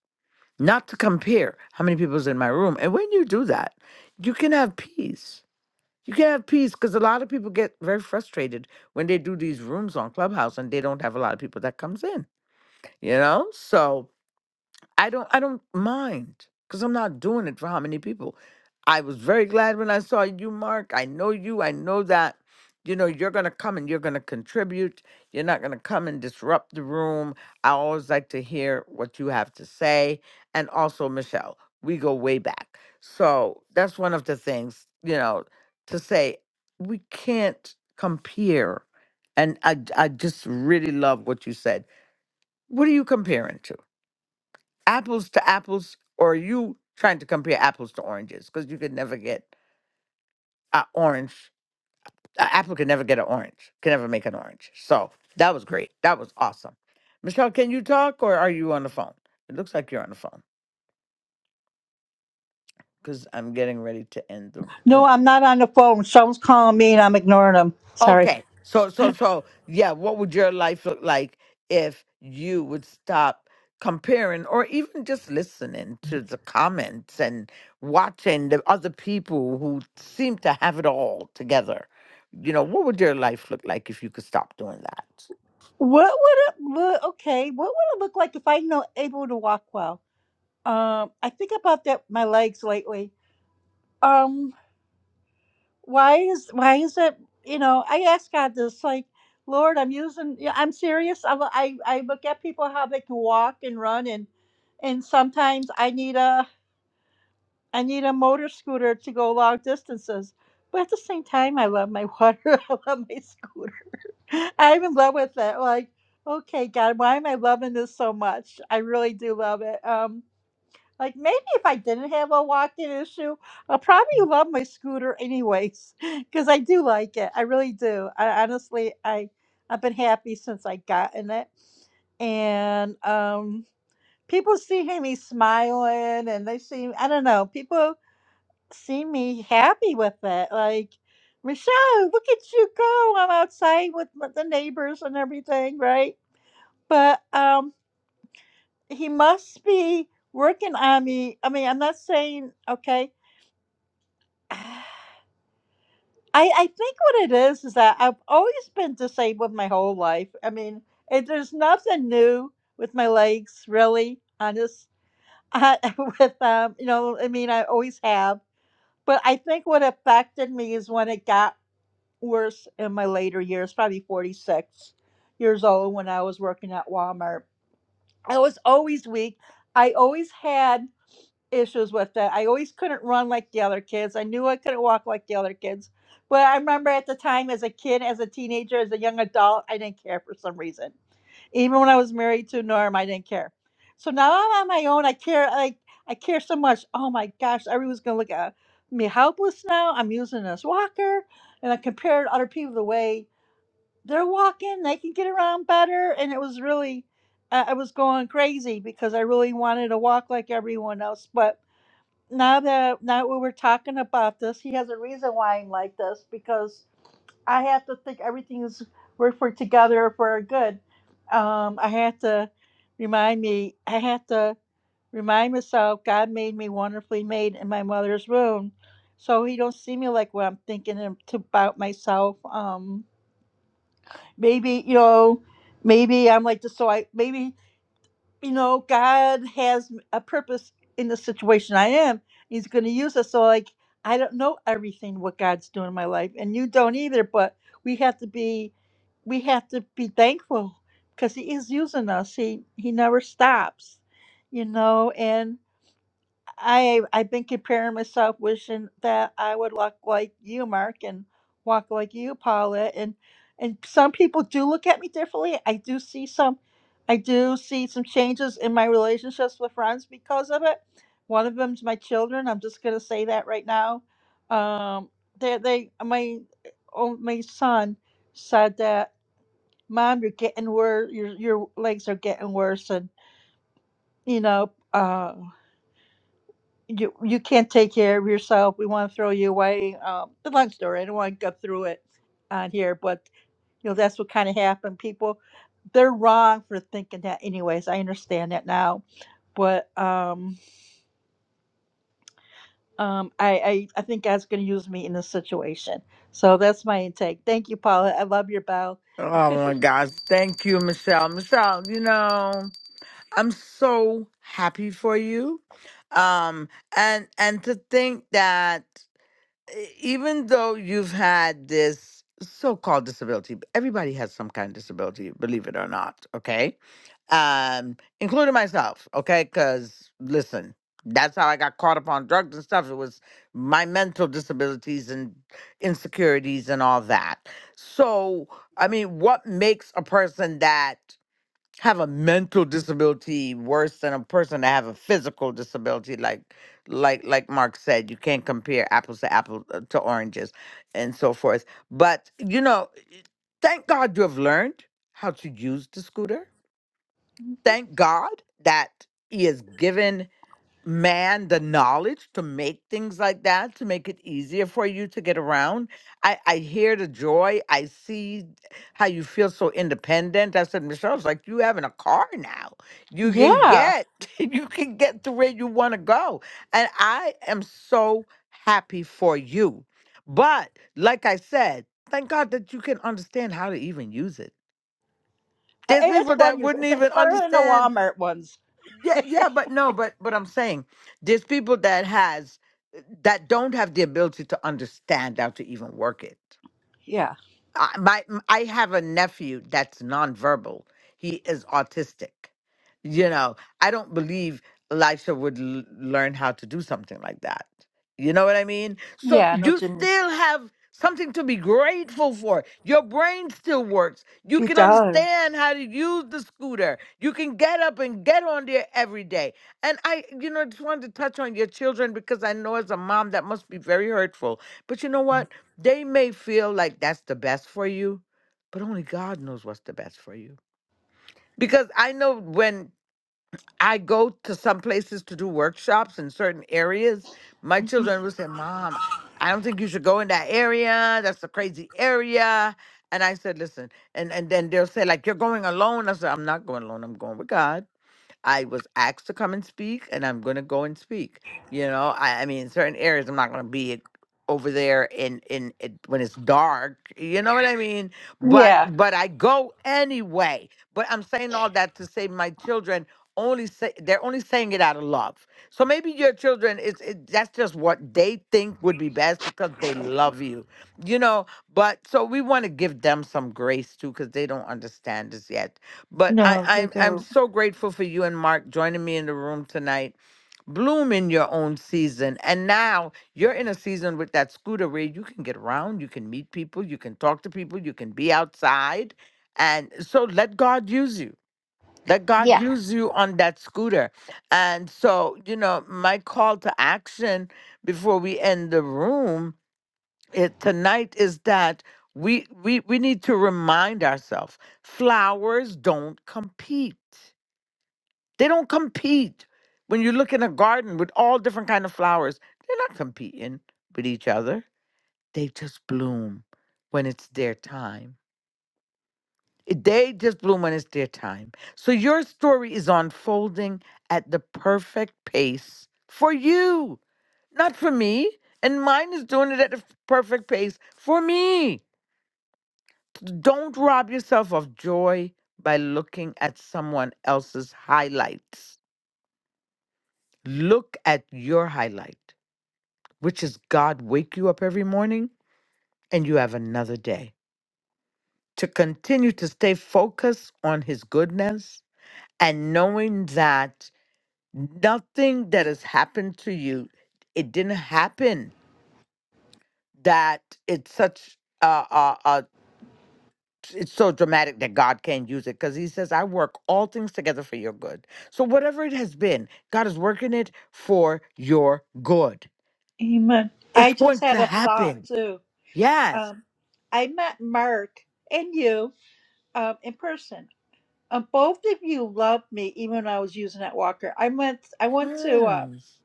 not to compare how many people's in my room. And when you do that, you can have peace. You can have peace because a lot of people get very frustrated when they do these rooms on Clubhouse and they don't have a lot of people that comes in, you know? So I don't I don't mind because I'm not doing it for how many people. I was very glad when I saw you, Mark. I know you. I know that you know you're gonna come and you're gonna contribute. You're not gonna come and disrupt the room. I always like to hear what you have to say. And also Michelle, we go way back. So that's one of the things, you know, to say we can't compare. And I I just really love what you said. What are you comparing to? apples to apples, or are you trying to compare apples to oranges? Because you could never get an orange. An apple can never get an orange. Can never make an orange. So that was great. That was awesome. Michelle, can you talk or are you on the phone? It looks like you're on the phone because I'm getting ready to end the
No,
room.
I'm not on the phone. Someone's calling me, and I'm ignoring them. Sorry.
Okay. So so so yeah, what would your life look like if you would stop comparing or even just listening to the comments and watching the other people who seem to have it all together? You know, what would your life look like if you could stop doing that?
What would it look? Okay, what would it look like if I know able to walk well? Um, I think about that my legs lately. Um, why is why is it? You know, I ask God this, like, Lord, I'm using. Yeah, I'm serious. I lo- I I look at people how they can walk and run, and and sometimes I need a I need a motor scooter to go long distances. But at the same time, I love my water. I love my scooter. I'm in love with it. Like, okay, God, why am I loving this so much? I really do love it. Um, Like maybe if I didn't have a walking issue, I'll probably love my scooter anyways because I do like it. I really do. I honestly, I I've been happy since I got in it, and um, people see me smiling, and they see I don't know. People see me happy with it. Like Michelle, look at you go! I'm outside with m- the neighbors and everything, right? But um, he must be working on me. I mean, I'm not saying okay. I I think what it is is that I've always been disabled my whole life. I mean, it, there's nothing new with my legs, really. Honest, I, with um, you know, I mean, I always have. But I think what affected me is when it got worse in my later years, probably 46 years old, when I was working at Walmart. I was always weak. I always had issues with that. I always couldn't run like the other kids. I knew I couldn't walk like the other kids. But I remember at the time, as a kid, as a teenager, as a young adult, I didn't care for some reason. Even when I was married to Norm, I didn't care. So now I'm on my own. I care like I care so much. Oh my gosh, everyone's gonna look at me helpless now. I'm using this walker, and I compared other people the way they're walking. They can get around better, and it was really. I I was going crazy because I really wanted to walk like everyone else, but now that now that we were talking about this, he has a reason why I'm like this because I have to think everything's work for together for our good. Um, I have to remind me. I have to remind myself God made me wonderfully made in my mother's womb, so He don't see me like what I'm thinking and to- about myself. Um, maybe you know, maybe I'm like this. So I maybe you know, God has a purpose in the situation I am. He's going to use us. So, like, I don't know everything what God's doing in my life, and you don't either. But we have to be, we have to be thankful because He is using us. He He never stops, you know. and. I I've been comparing myself, wishing that I would look like you, Mark, and walk like you, Paula. And and some people do look at me differently. I do see some, I do see some changes in my relationships with friends because of it. One of them's my children. I'm just gonna say that right now. Um, they they my oh, my son said that, Mom, you're getting worse. Your your legs are getting worse, and you know. uh you you can't take care of yourself. We want to throw you away. Um, the long story. I don't want to go through it on here, but you know that's what kind of happened. People, they're wrong for thinking that. Anyways, I understand that now, but um, um, I I, I think God's going to use me in this situation. So that's my intake. Thank you, Paula. I love your bell.
Oh my gosh. Thank you, Michelle. Michelle, you know, I'm so happy for you. Um and and to think that e- even though you've had this so-called disability b- everybody has some kind of disability believe it or not okay um including myself okay because listen that's how i got caught up on drugs and stuff it was my mental disabilities and insecurities and all that so i mean what makes a person that have a mental disability worse than a person to have a physical disability like like like mark said you can't compare apples to apples to oranges and so forth but you know thank god you have learned how to use the scooter
Mhm.
thank god that he has given man the knowledge to make things like that to make it easier for you to get around i i hear the joy i see how you feel so independent i said Michelle, it's like you having a car now you
Yeah,
can get you can get to where you want to go and i am so happy for you but like i said thank god that you can understand how to even use it
I,
there's
I- it's
people
fun.
that
Use
wouldn't
it's, it's
even
better than the
understand
Walmart ones.
yeah, yeah, but no, but but I'm saying there's people that has that don't have the ability to understand how to even work it.
Yeah,
I, my I have a nephew that's nonverbal. He is autistic. You know, I don't believe Elisha would l- learn how to do something like that. You know what I mean? So
yeah, I know
you
what you mean.
still have something to be grateful for. Your brain still works. You
It
can
does.
understand how to use the scooter. You can get up and get on there every day. And I, you know, just wanted to touch on your children because I know as a mom that must be very hurtful. But you know what? They may feel like that's the best for you, but only God knows what's the best for you. Because I know when I go to some places to do workshops in certain areas, my children will say, Mom, I don't think you should go in that area. That's a crazy area. And I said, listen, and, and then they'll say, like, you're going alone. I said, I'm not going alone. I'm going with God. I was asked to come and speak, and I'm going to go and speak. You know, I, I mean, in certain areas, I'm not going to be over there in in it, when it's dark. You know what I mean? But
Yeah.
Yeah. but I go anyway. But I'm saying all that to say my children only say they're only saying it out of love. So maybe your children it's it, that's just what they think would be best because they love you. You know, but so we want to give them some grace too cuz they don't understand this yet but
No, we
I, I I'm
don't.
so grateful for you and Mark joining me in the room tonight. Bloom in your own season. And now you're in a season with that scooter where you can get around, you can meet people, you can talk to people, you can be outside. And so let God use you. Let God Yeah. use you on that scooter. And so, you know, my call to action before we end the room it tonight is that we we we need to remind ourselves flowers don't compete they don't compete when you look in a garden with all different kind of flowers they're not competing with each other they just bloom when it's their time It- they just bloom when it's their time so your story is unfolding at the perfect pace for you not for me and mine is doing it at the f- perfect pace for me Don't rob yourself of joy by looking at someone else's highlights. Look at your highlight, which is God wake you up every morning and you have another day. To continue to stay focused on his goodness and knowing that nothing that has happened to you, it didn't happen, that it's such a, it's so dramatic that God can not use it because he says, I work all things together for your good. So, whatever it has been, God is working it for your good.
Amen. I
It's
just
going
had
to
a thought
happen.
too.
Yes.
Um, I met Mark and you um, in person. Um, both of you loved me, even when I was using that walker. I went. I went to. Uh,
Yes.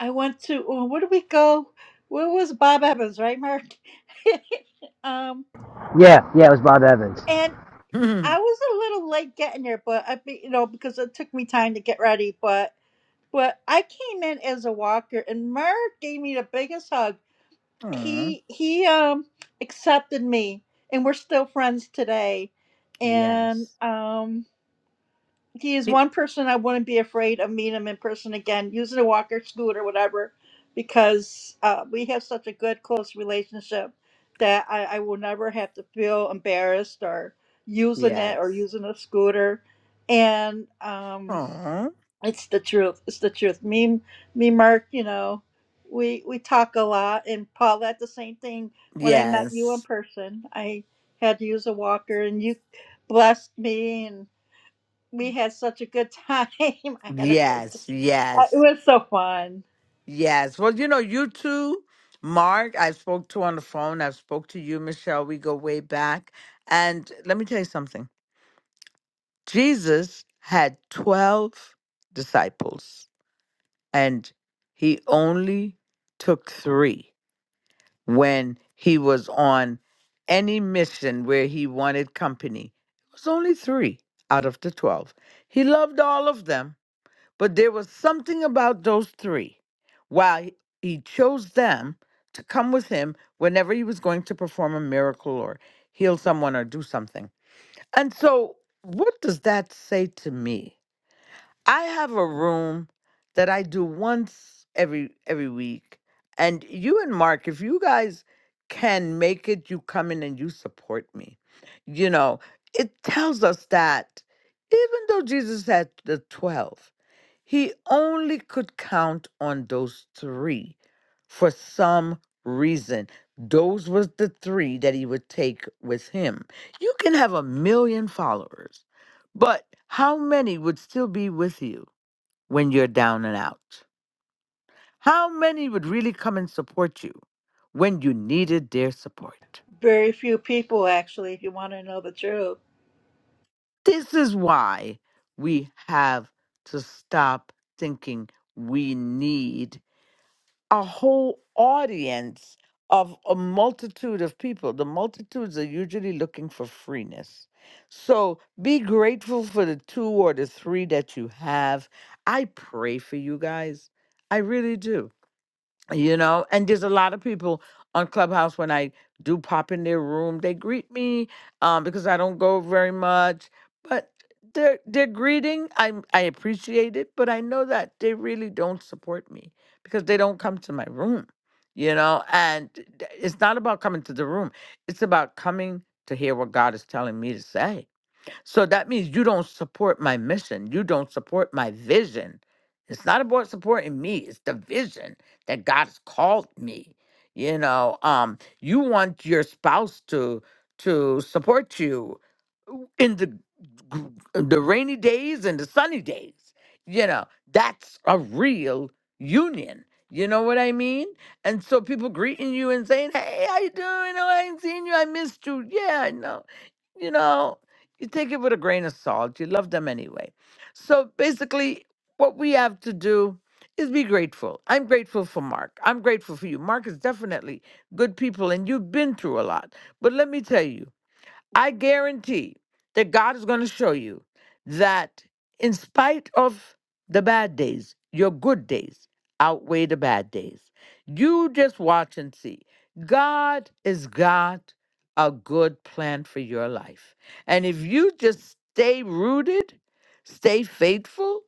I went to. oh, Where did we go? Where was Bob Evans? Right, Mark. um,
Yeah, yeah, it was Bob Evans.
and I was a little late getting there, but I, be- you know, because it took me time to get ready. But but I came in as a walker, and Mark gave me the biggest hug.
Mm.
he he um accepted me and we're still friends today and
Yes.
um he is
Y-
one person i wouldn't be afraid of meeting him in person again using a walker scooter whatever because uh, we have such a good close relationship that I, I will never have to feel embarrassed or using it or
Yes.
using a scooter and um
Aw.
it's the truth. It's the truth. Me, me, Mark. You know, we we talk a lot, and Paul. That's the same thing. When I met you in
Yes.
person, I had to use a walker, and you blessed me, and we had such a good time. I had a great time.
Yes.
Uh, It
Yes.
was so fun.
Yes. Well, you know, you two, Mark, I spoke to on the phone. I've spoke to you, Michelle. We go way back. And let me tell you something. Jesus had 12 disciples and he only took three when he was on any mission where he wanted company. It was only three out of the 12. He loved all of them, but there was something about those three. Why he he chose them to come with him whenever he was going to perform a miracle or heal someone or do something. And so, what does that say to me? I have a room that I do once every every week. And you and Mark, if you guys can make it, you come in and you support me. You know, it tells us that even though Jesus had the 12 he only could count on those three for some reason. Those was the three that he would take with him. You can have a million followers, but how many would still be with you when you're down and out? How many would really come and support you when you needed their support?
Very few people, actually, if you want to know the truth.
This is why we have to stop thinking we need a whole audience of a multitude of people. The multitudes are usually looking for freeness. So be grateful for the two or the three that you have. I pray for you guys. I really do you know and there's a lot of people on clubhouse when i do pop in their room they greet me um, because i don't go very much but they're they're greeting i i appreciate it but i know that they really don't support me because they don't come to my room you know and th- it's not about coming to the room it's about coming to hear what god is telling me to say so that means you don't support my mission. You don't support my vision. It's not about supporting me, it's the vision that God's called me. You know, um, you want your spouse to to support you in the gr- the rainy days and the sunny days. You know, that's a real union. You know what I mean? And so people greeting you and saying, "Hey, how you doing? Oh, I ain't seen you. I missed you. Yeah, I know." You know, you take it with a grain of salt. You love them anyway. So basically, what we have to do is be grateful. I'm grateful for Mark. I'm grateful for you. Mark is definitely good people, and you've been through a lot. But let me tell you. I guarantee that God is going to show you that in spite of the bad days, your good days outweigh the bad days. You just watch and see. God has got a good plan for your life. And if you just stay rooted, stay faithful,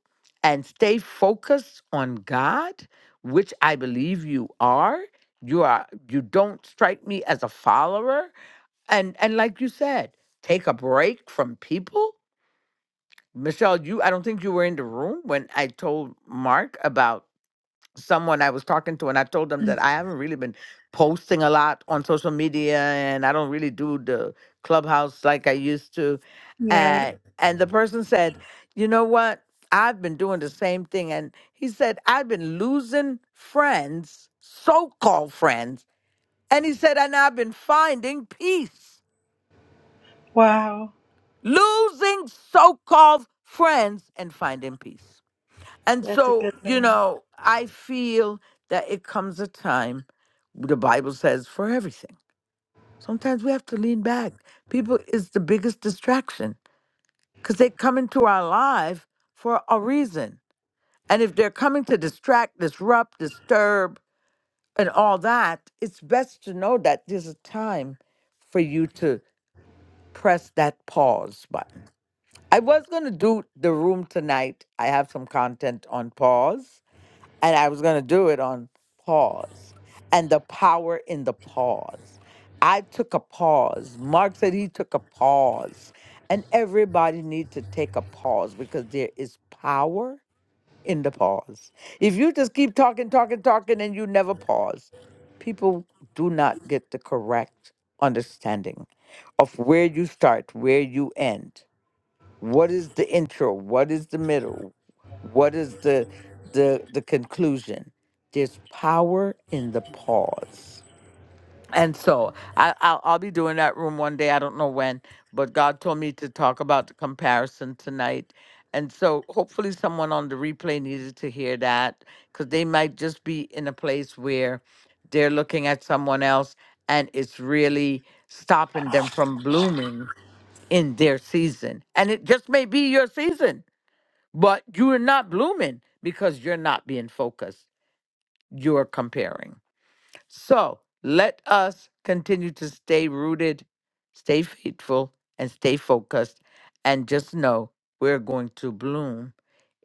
and stay focused on God, which I believe you are, you are you don't strike me as a follower and and like you said take a break from people michelle you i don't think you were in the room when i told mark about someone i was talking to and i told them that i haven't really been posting a lot on social media and i don't really do the clubhouse like i used to
You're right.
and and the person said you know what i've been doing the same thing and he said i've been losing friends so-called friends and he said and i've been finding peace
Wow,
losing so called friends and finding peace. And
that's a
so,
good
you
thing.
know, I feel that it comes a time, the Bible says, for everything. Sometimes we have to lean back. People is the biggest distraction because they come into our life for a reason. And if they're coming to distract, disrupt, disturb, and all that, it's best to know that there's a time for you to press that pause button I was going to do the room tonight. I have some content on pause, and I was going to do it on pause and the power in the pause. I took a pause. Mark said he took a pause, and everybody need to take a pause because there is power in the pause. If you just keep talking, talking, talking, and you never pause, people do not get the correct understanding of where you start, where you end. What is the intro? What is the middle? What is the the the conclusion? There's power in the pause. And so I, I'll, I'll be doing that room one day. I don't know when, but God told me to talk about the comparison tonight. And so hopefully someone on the replay needed to hear that because they might just be in a place where they're looking at someone else and it's really stopping them from blooming in their season. And it just may be your season, but you are not blooming because you're not being focused. You're comparing. So let us continue to stay rooted, stay faithful, and stay focused. And just know we're going to bloom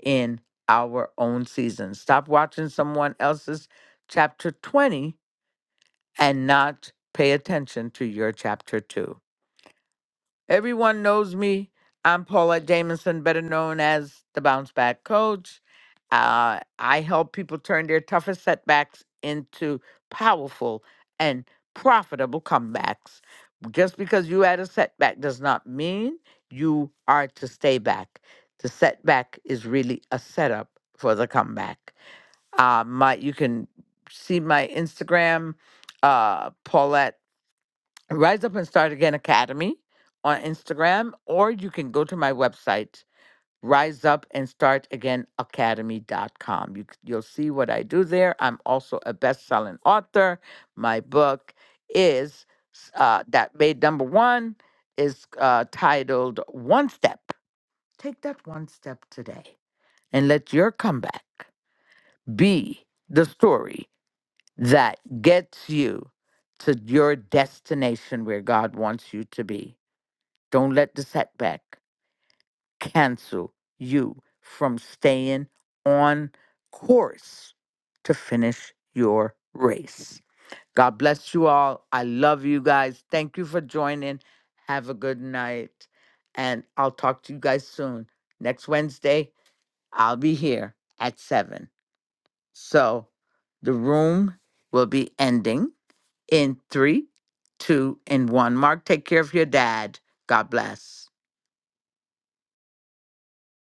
in our own season. Stop watching someone else's chapter 20 and not pay attention to your chapter 2. Everyone knows me. I'm Paulette Jamison, better known as the Bounce Back Coach. Uh, I help people turn their toughest setbacks into powerful and profitable comebacks. Just because you had a setback does not mean you are to stay back. The setback is really a setup for the comeback. Uh, my, you can see my Instagram, uh, Paulette Rise Up and Start Again Academy on Instagram, or you can go to my website, Rise Up and Start Again riseupandstartagainacademy.com. You, c- you'll see what I do there. I'm also a best selling author. My book is uh, that made number one is uh, titled One Step. Take that one step today and let your comeback be the story that gets you to your destination where God wants you to be. Don't let the setback cancel you from staying on course to finish your race. God bless you all. I love you guys. Thank you for joining. Have a good night. And I'll talk to you guys soon. Next Wednesday, I'll be here at 7. So the room will be ending in three, two, and one. Mark, take care of your dad. God bless.